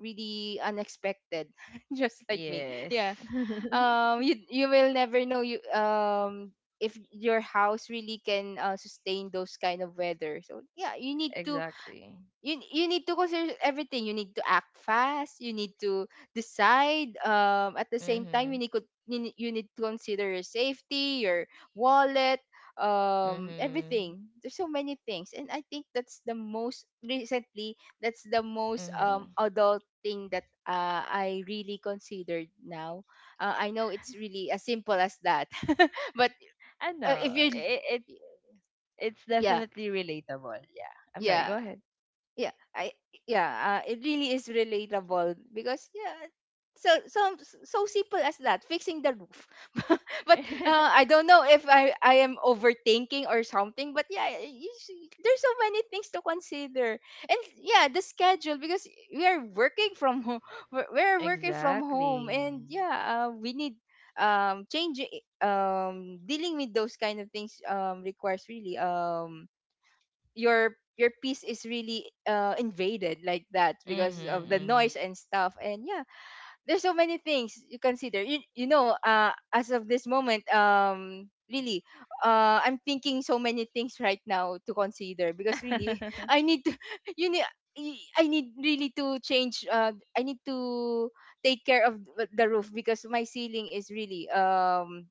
B: really unexpected, just like me.
A: Yes.
B: Yeah, you, you will never know, you if your house really can sustain those kind of weather. So yeah, you need to,
A: Exactly.
B: you need to consider everything. You need to act fast. You need to decide. At the same time,
A: Mhm.
B: you need, you need to consider your safety, your wallet,
A: Mhm.
B: everything. There's so many things, and I think that's the most recently. That's the most
A: Mm-hmm.
B: adult thing that I really considered now. I know it's really as simple as that, but
A: I
B: if
A: know.
B: you,
A: It's
B: yeah,
A: definitely relatable. Yeah. I'm sorry.
B: yeah,
A: Go ahead.
B: yeah I yeah it really is relatable, because yeah, so so so simple as that, fixing the roof. But I don't know if I am overthinking or something, but yeah, see, there's so many things to consider, and yeah, the schedule, because we are working from home, we're working from home,
A: Exactly.
B: and yeah, we need, changing, dealing with those kind of things requires really, your peace is really invaded like that, because of the
A: Mm-hmm.
B: noise and stuff, and yeah, there's so many things you consider, you know, as of this moment, really, I'm thinking so many things right now to consider, because really,
A: Mm-hmm.
B: I need to you need I need really to change. I need to take care of the roof, because my ceiling is really,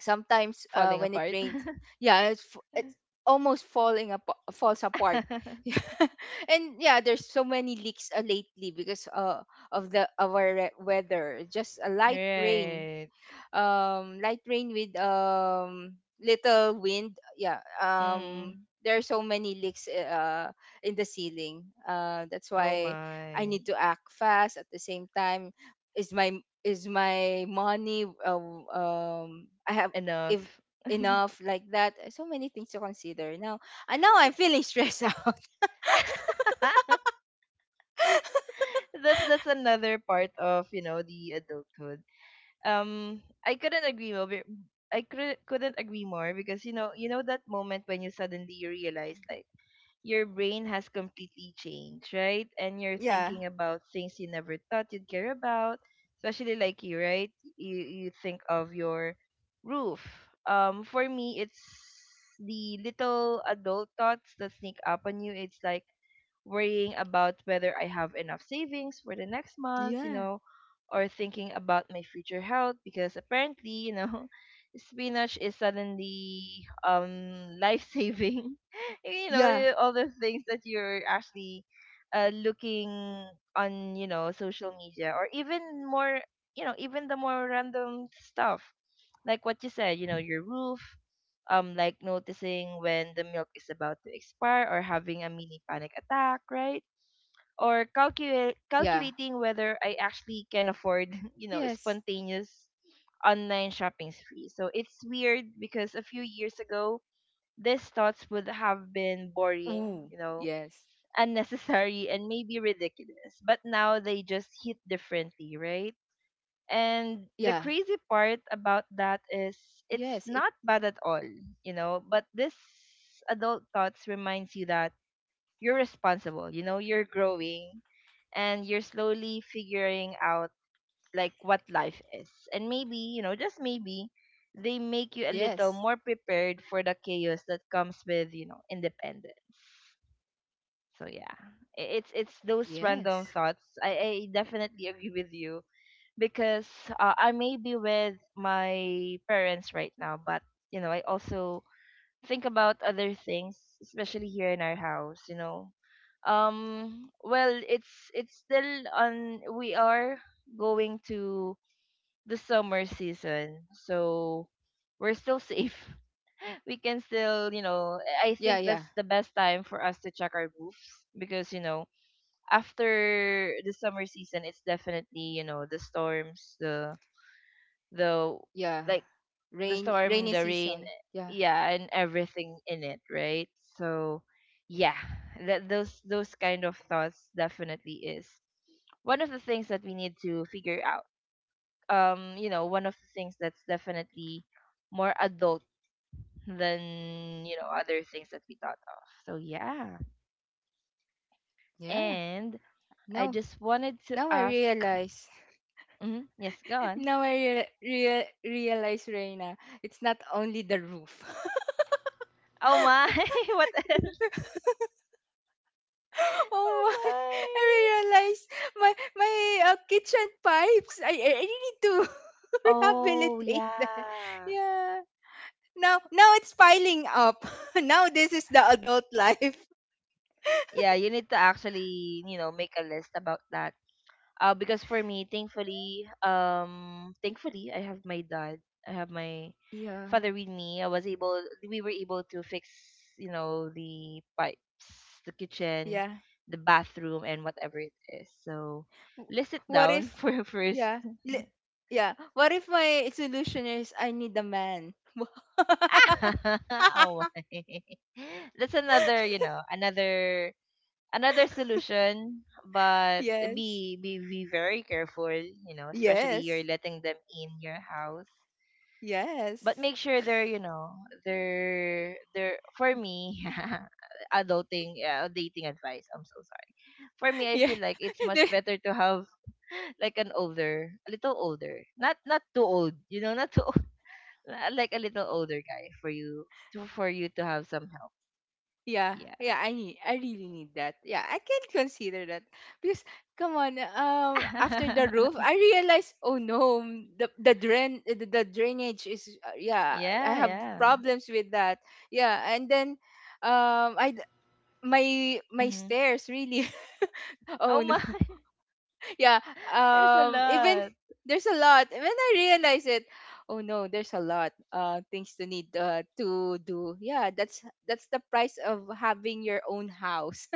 B: sometimes
A: Falling
B: when it
A: apart.
B: rains, yeah, it's almost falling up falls apart. Yeah. And yeah, there's so many leaks lately, because of our weather, just a light rain,
A: Right.
B: light rain with little wind, yeah,
A: Mm-hmm.
B: there are so many leaks, in the ceiling, that's
A: Oh
B: why I
A: my.
B: need to act fast. At the same time, is my is my money, I have if
A: Enough.
B: enough, like that, so many things to consider now, and now I'm feeling stressed out.
A: That's another part of, you know, the adulthood. I couldn't agree more. Couldn't agree more because you know, you know that moment when you suddenly realize like your brain has completely changed, right? And you're
B: Yeah.
A: thinking about things you never thought you'd care about, especially like you, right? You think of your roof. For me, it's the little adult thoughts that sneak up on you. It's like worrying about whether I have enough savings for the next month, you
B: Yeah.
A: know, or thinking about my future health because apparently, you know, spinach is suddenly life saving. You know,
B: Yeah.
A: all the things that you're actually looking on, you know, social media or even more, you know, even the more random stuff like what you said, you know, your roof, like noticing when the milk is about to expire or having a mini panic attack, right?
B: Yeah.
A: Or calculate calculating whether I actually
B: Yes.
A: can afford, you know, spontaneous online shopping spree. So it's weird because a few years ago, these
B: Ooh.
A: thoughts would
B: Yes.
A: have been boring, you know, unnecessary and maybe ridiculous. But now they just hit differently,
B: Yeah.
A: right? And the crazy part
B: Yes
A: about
B: it.
A: that is it's not bad at all, you know, but this adult thoughts reminds you that you're responsible, you know, you're growing and you're slowly figuring out like what life is. And maybe, you know, just maybe
B: Yes.
A: they make you a little more prepared for the chaos that comes with, you know, independence. So yeah. It's
B: Yes.
A: those random thoughts. I definitely agree with you because I may be with my parents right now, but you know, I also think about other things, especially here in our house, you know. Well, it's still on, we are going to the summer season. So we're still safe. We can still, you
B: Yeah,
A: know,
B: yeah,
A: I think that's the best time for us to check our roofs because, you know, after the summer season, it's definitely, you know, the storms, the
B: yeah.
A: like
B: Rain,
A: the
B: rainy
A: storm, the
B: season.
A: rain,
B: Yeah,
A: yeah, and everything in it, right? So yeah, that those kind of thoughts definitely is one of the things that we need to figure out. You know, one of the things that's definitely more adult than, you know, other things that we thought of. So yeah.
B: yeah.
A: And I
B: Now,
A: just wanted to
B: now I
A: ask.
B: realize.
A: Mhm, yes, go on.
B: Now I realize, Reina, it's not only the roof.
A: Oh my, what else?
B: Oh my!
A: Oh my.
B: I realized my kitchen pipes. I need to
A: Oh,
B: rehabilitate them.
A: yeah.
B: Yeah. Now, now it's piling up. Now this is the adult life.
A: Yeah, you need to actually, you know, make a list about that. Because for me, thankfully, thankfully, I have my dad. I have my
B: Yeah,
A: father with me. We were able to fix, you know, the pipes, the kitchen,
B: yeah.
A: the bathroom, and whatever it is. So,
B: W-
A: list it
B: What if,
A: down for your first.
B: yeah, li- yeah, what if my solution is I need a man?
A: Ah, oh my. That's another, you know, another solution. But
B: Yes,
A: be very careful, you know, especially
B: yes,
A: you're letting them in your house. But
B: yes.
A: make sure they're, you know, they're for me, adulting, dating advice, I'm so sorry. For me, I
B: Yeah,
A: feel like it's much
B: the-
A: better to have like an older, a little older, not too old, you know, not too old, like a little older guy for you to, for you to have some help.
B: yeah,
A: Yeah.
B: yeah. I really need that. Yeah, I can consider that because come on. After the roof, I realized, oh no, the the drain, the drainage is. Yeah, I
A: Yeah,
B: have
A: yeah.
B: problems with that. Yeah, and then, I my my
A: Hmm.
B: stairs really oh
A: Oh
B: no
A: my.
B: yeah
A: There's a
B: even
A: lot.
B: there's a lot when I realize it, oh no, there's a lot things to need to do. Yeah, that's the price of having your own house.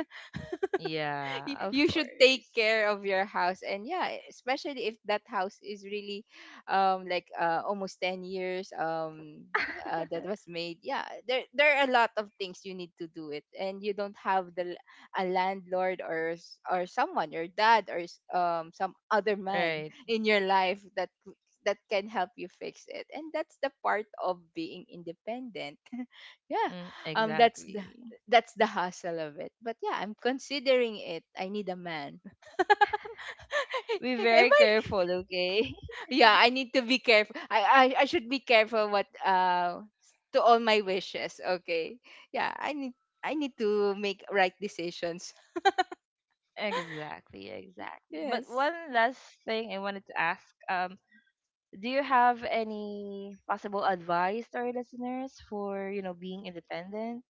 A: Yeah, of
B: You should take
A: course.
B: care of your house, and yeah, especially if that house is really, like almost 10 years, that was made. Yeah, there are a lot of things you need to do it, and you don't have the, a landlord or or someone, your dad, or some other man
A: Right.
B: in your life that that can help you fix it. And that's the part of being independent. Yeah,
A: Mm,
B: that's the,
A: exactly.
B: that's the hassle of it. But yeah, I'm considering it. I need a man.
A: Be
B: Am
A: very
B: I?
A: careful, okay?
B: Yeah, I need to be careful. I should be careful what to all my wishes. Okay. Yeah, I need I need to make right decisions.
A: Exactly, exactly. But
B: Yes.
A: one last thing I wanted to ask. Do you have any possible advice to our listeners for, you know, being independent?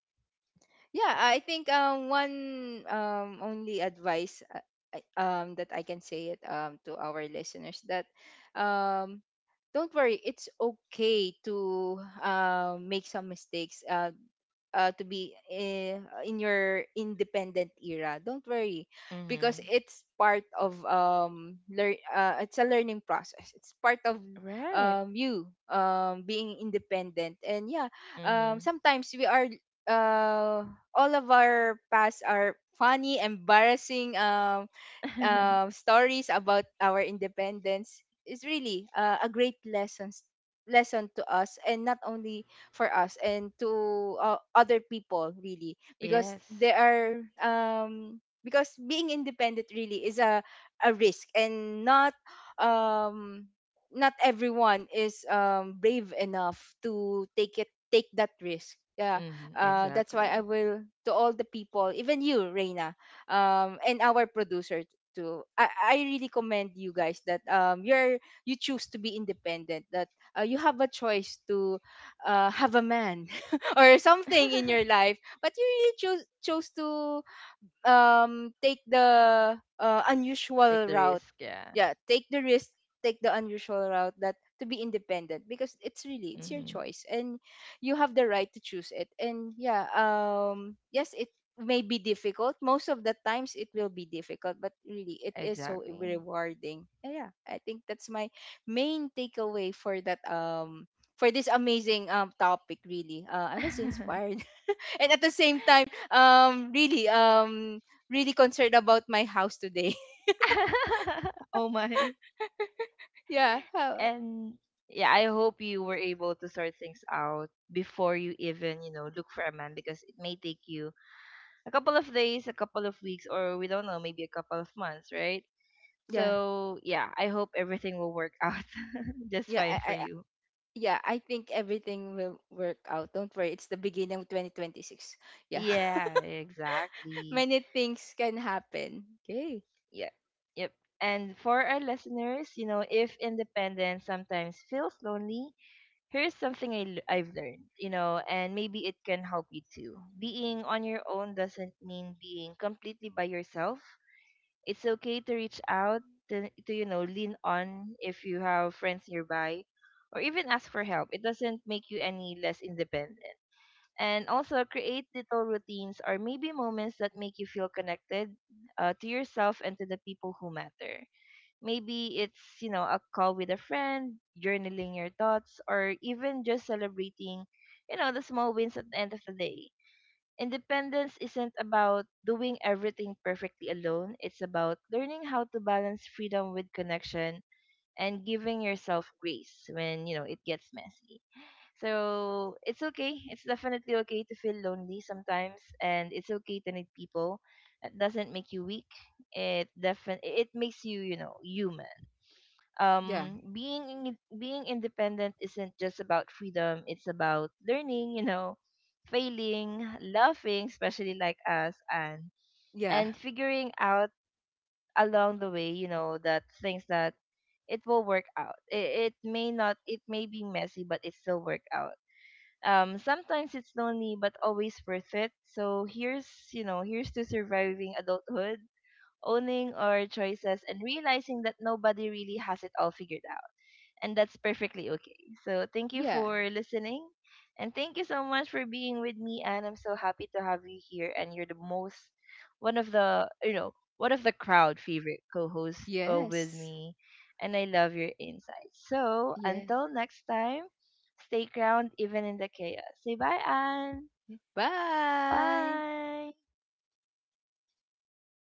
B: Yeah, I think one only advice, that I can say it, to our listeners, that um don't worry, it's okay to make some mistakes, to be in your independent era. Don't worry, because
A: Mm-hmm.
B: it's part of learn it's a learning process. It's part of
A: Right.
B: you being independent. And yeah,
A: Mm-hmm.
B: sometimes we are, uh, all of our past are funny, embarrassing, stories about our independence is really a great lesson to us, and not only for us, and to other people really, because
A: Yes.
B: there are because being independent really is a risk, and not um not everyone is brave enough to take that risk. Yeah,
A: Mm-hmm.
B: that's why
A: Exactly.
B: I will, to all the people, even you, Reina, and our producer, I really commend you guys, that you're, you choose to be independent, that you have a choice to have a man or something in your life, but you really chose to take the
A: Take
B: unusual
A: the
B: route.
A: risk, yeah.
B: Yeah, take the risk, take the unusual route, that, to be independent, because it's really, it's your
A: Mm-hmm.
B: choice, and you have the right to choose it. And yeah, yes, it may be difficult, most of the times it will be difficult, but really it is so
A: Exactly.
B: rewarding. And yeah, I think that's my main takeaway for that, for this amazing topic. Really, I was inspired and at the same time, really, really concerned about my house today.
A: Oh my.
B: Yeah,
A: And yeah, I hope you were able to sort things out before you even, you know, look for a man, because it may take you a couple of days, a couple of weeks, or we don't know, maybe a couple of months, right?
B: yeah.
A: So yeah, I hope everything will work out just
B: Yeah,
A: fine for
B: I,
A: you.
B: yeah, I think everything will work out. Don't worry, it's the beginning of 2026. Yeah.
A: Yeah, exactly.
B: Many things can happen. Okay.
A: Yeah. Yep. And for our listeners, you know, if independence sometimes feels lonely, here's something I've learned, you know, and maybe it can help you too. Being on your own doesn't mean being completely by yourself. It's okay to reach out, to, you know, lean on if you have friends nearby, or even ask for help. It doesn't make you any less independent. And also, create little routines or maybe moments that make you feel connected to yourself and to the people who matter. Maybe it's, you know, a call with a friend, journaling your thoughts, or even just celebrating, you know, the small wins at the end of the day. Independence isn't about doing everything perfectly alone. It's about learning how to balance freedom with connection and giving yourself grace when, you know, it gets messy. So it's okay. It's definitely okay to feel lonely sometimes, and it's okay to need people. It doesn't make you weak. It defin it makes you, you know, human.
B: Yeah.
A: Being being independent isn't just about freedom, it's about learning, you know, failing, laughing, especially like us,
B: Yeah.
A: and figuring out along the way, you know, that things, that it will work out. It it, may not, it may be messy, but it still work out. Um, sometimes it's lonely but always worth it. So here's, you know, here's to surviving adulthood, owning our choices, and realizing that nobody really has it all figured out, and that's perfectly okay. So thank you
B: Yeah.
A: for listening, and thank you so much for being with me. And I'm so happy to have you here. And you're the most, one of the you know one of the crowd favorite co-hosts with
B: Yes.
A: me, and I love your insights. So
B: Yeah.
A: until next time, stay ground even in the chaos. Say bye, Anne.
B: Bye.
A: Bye.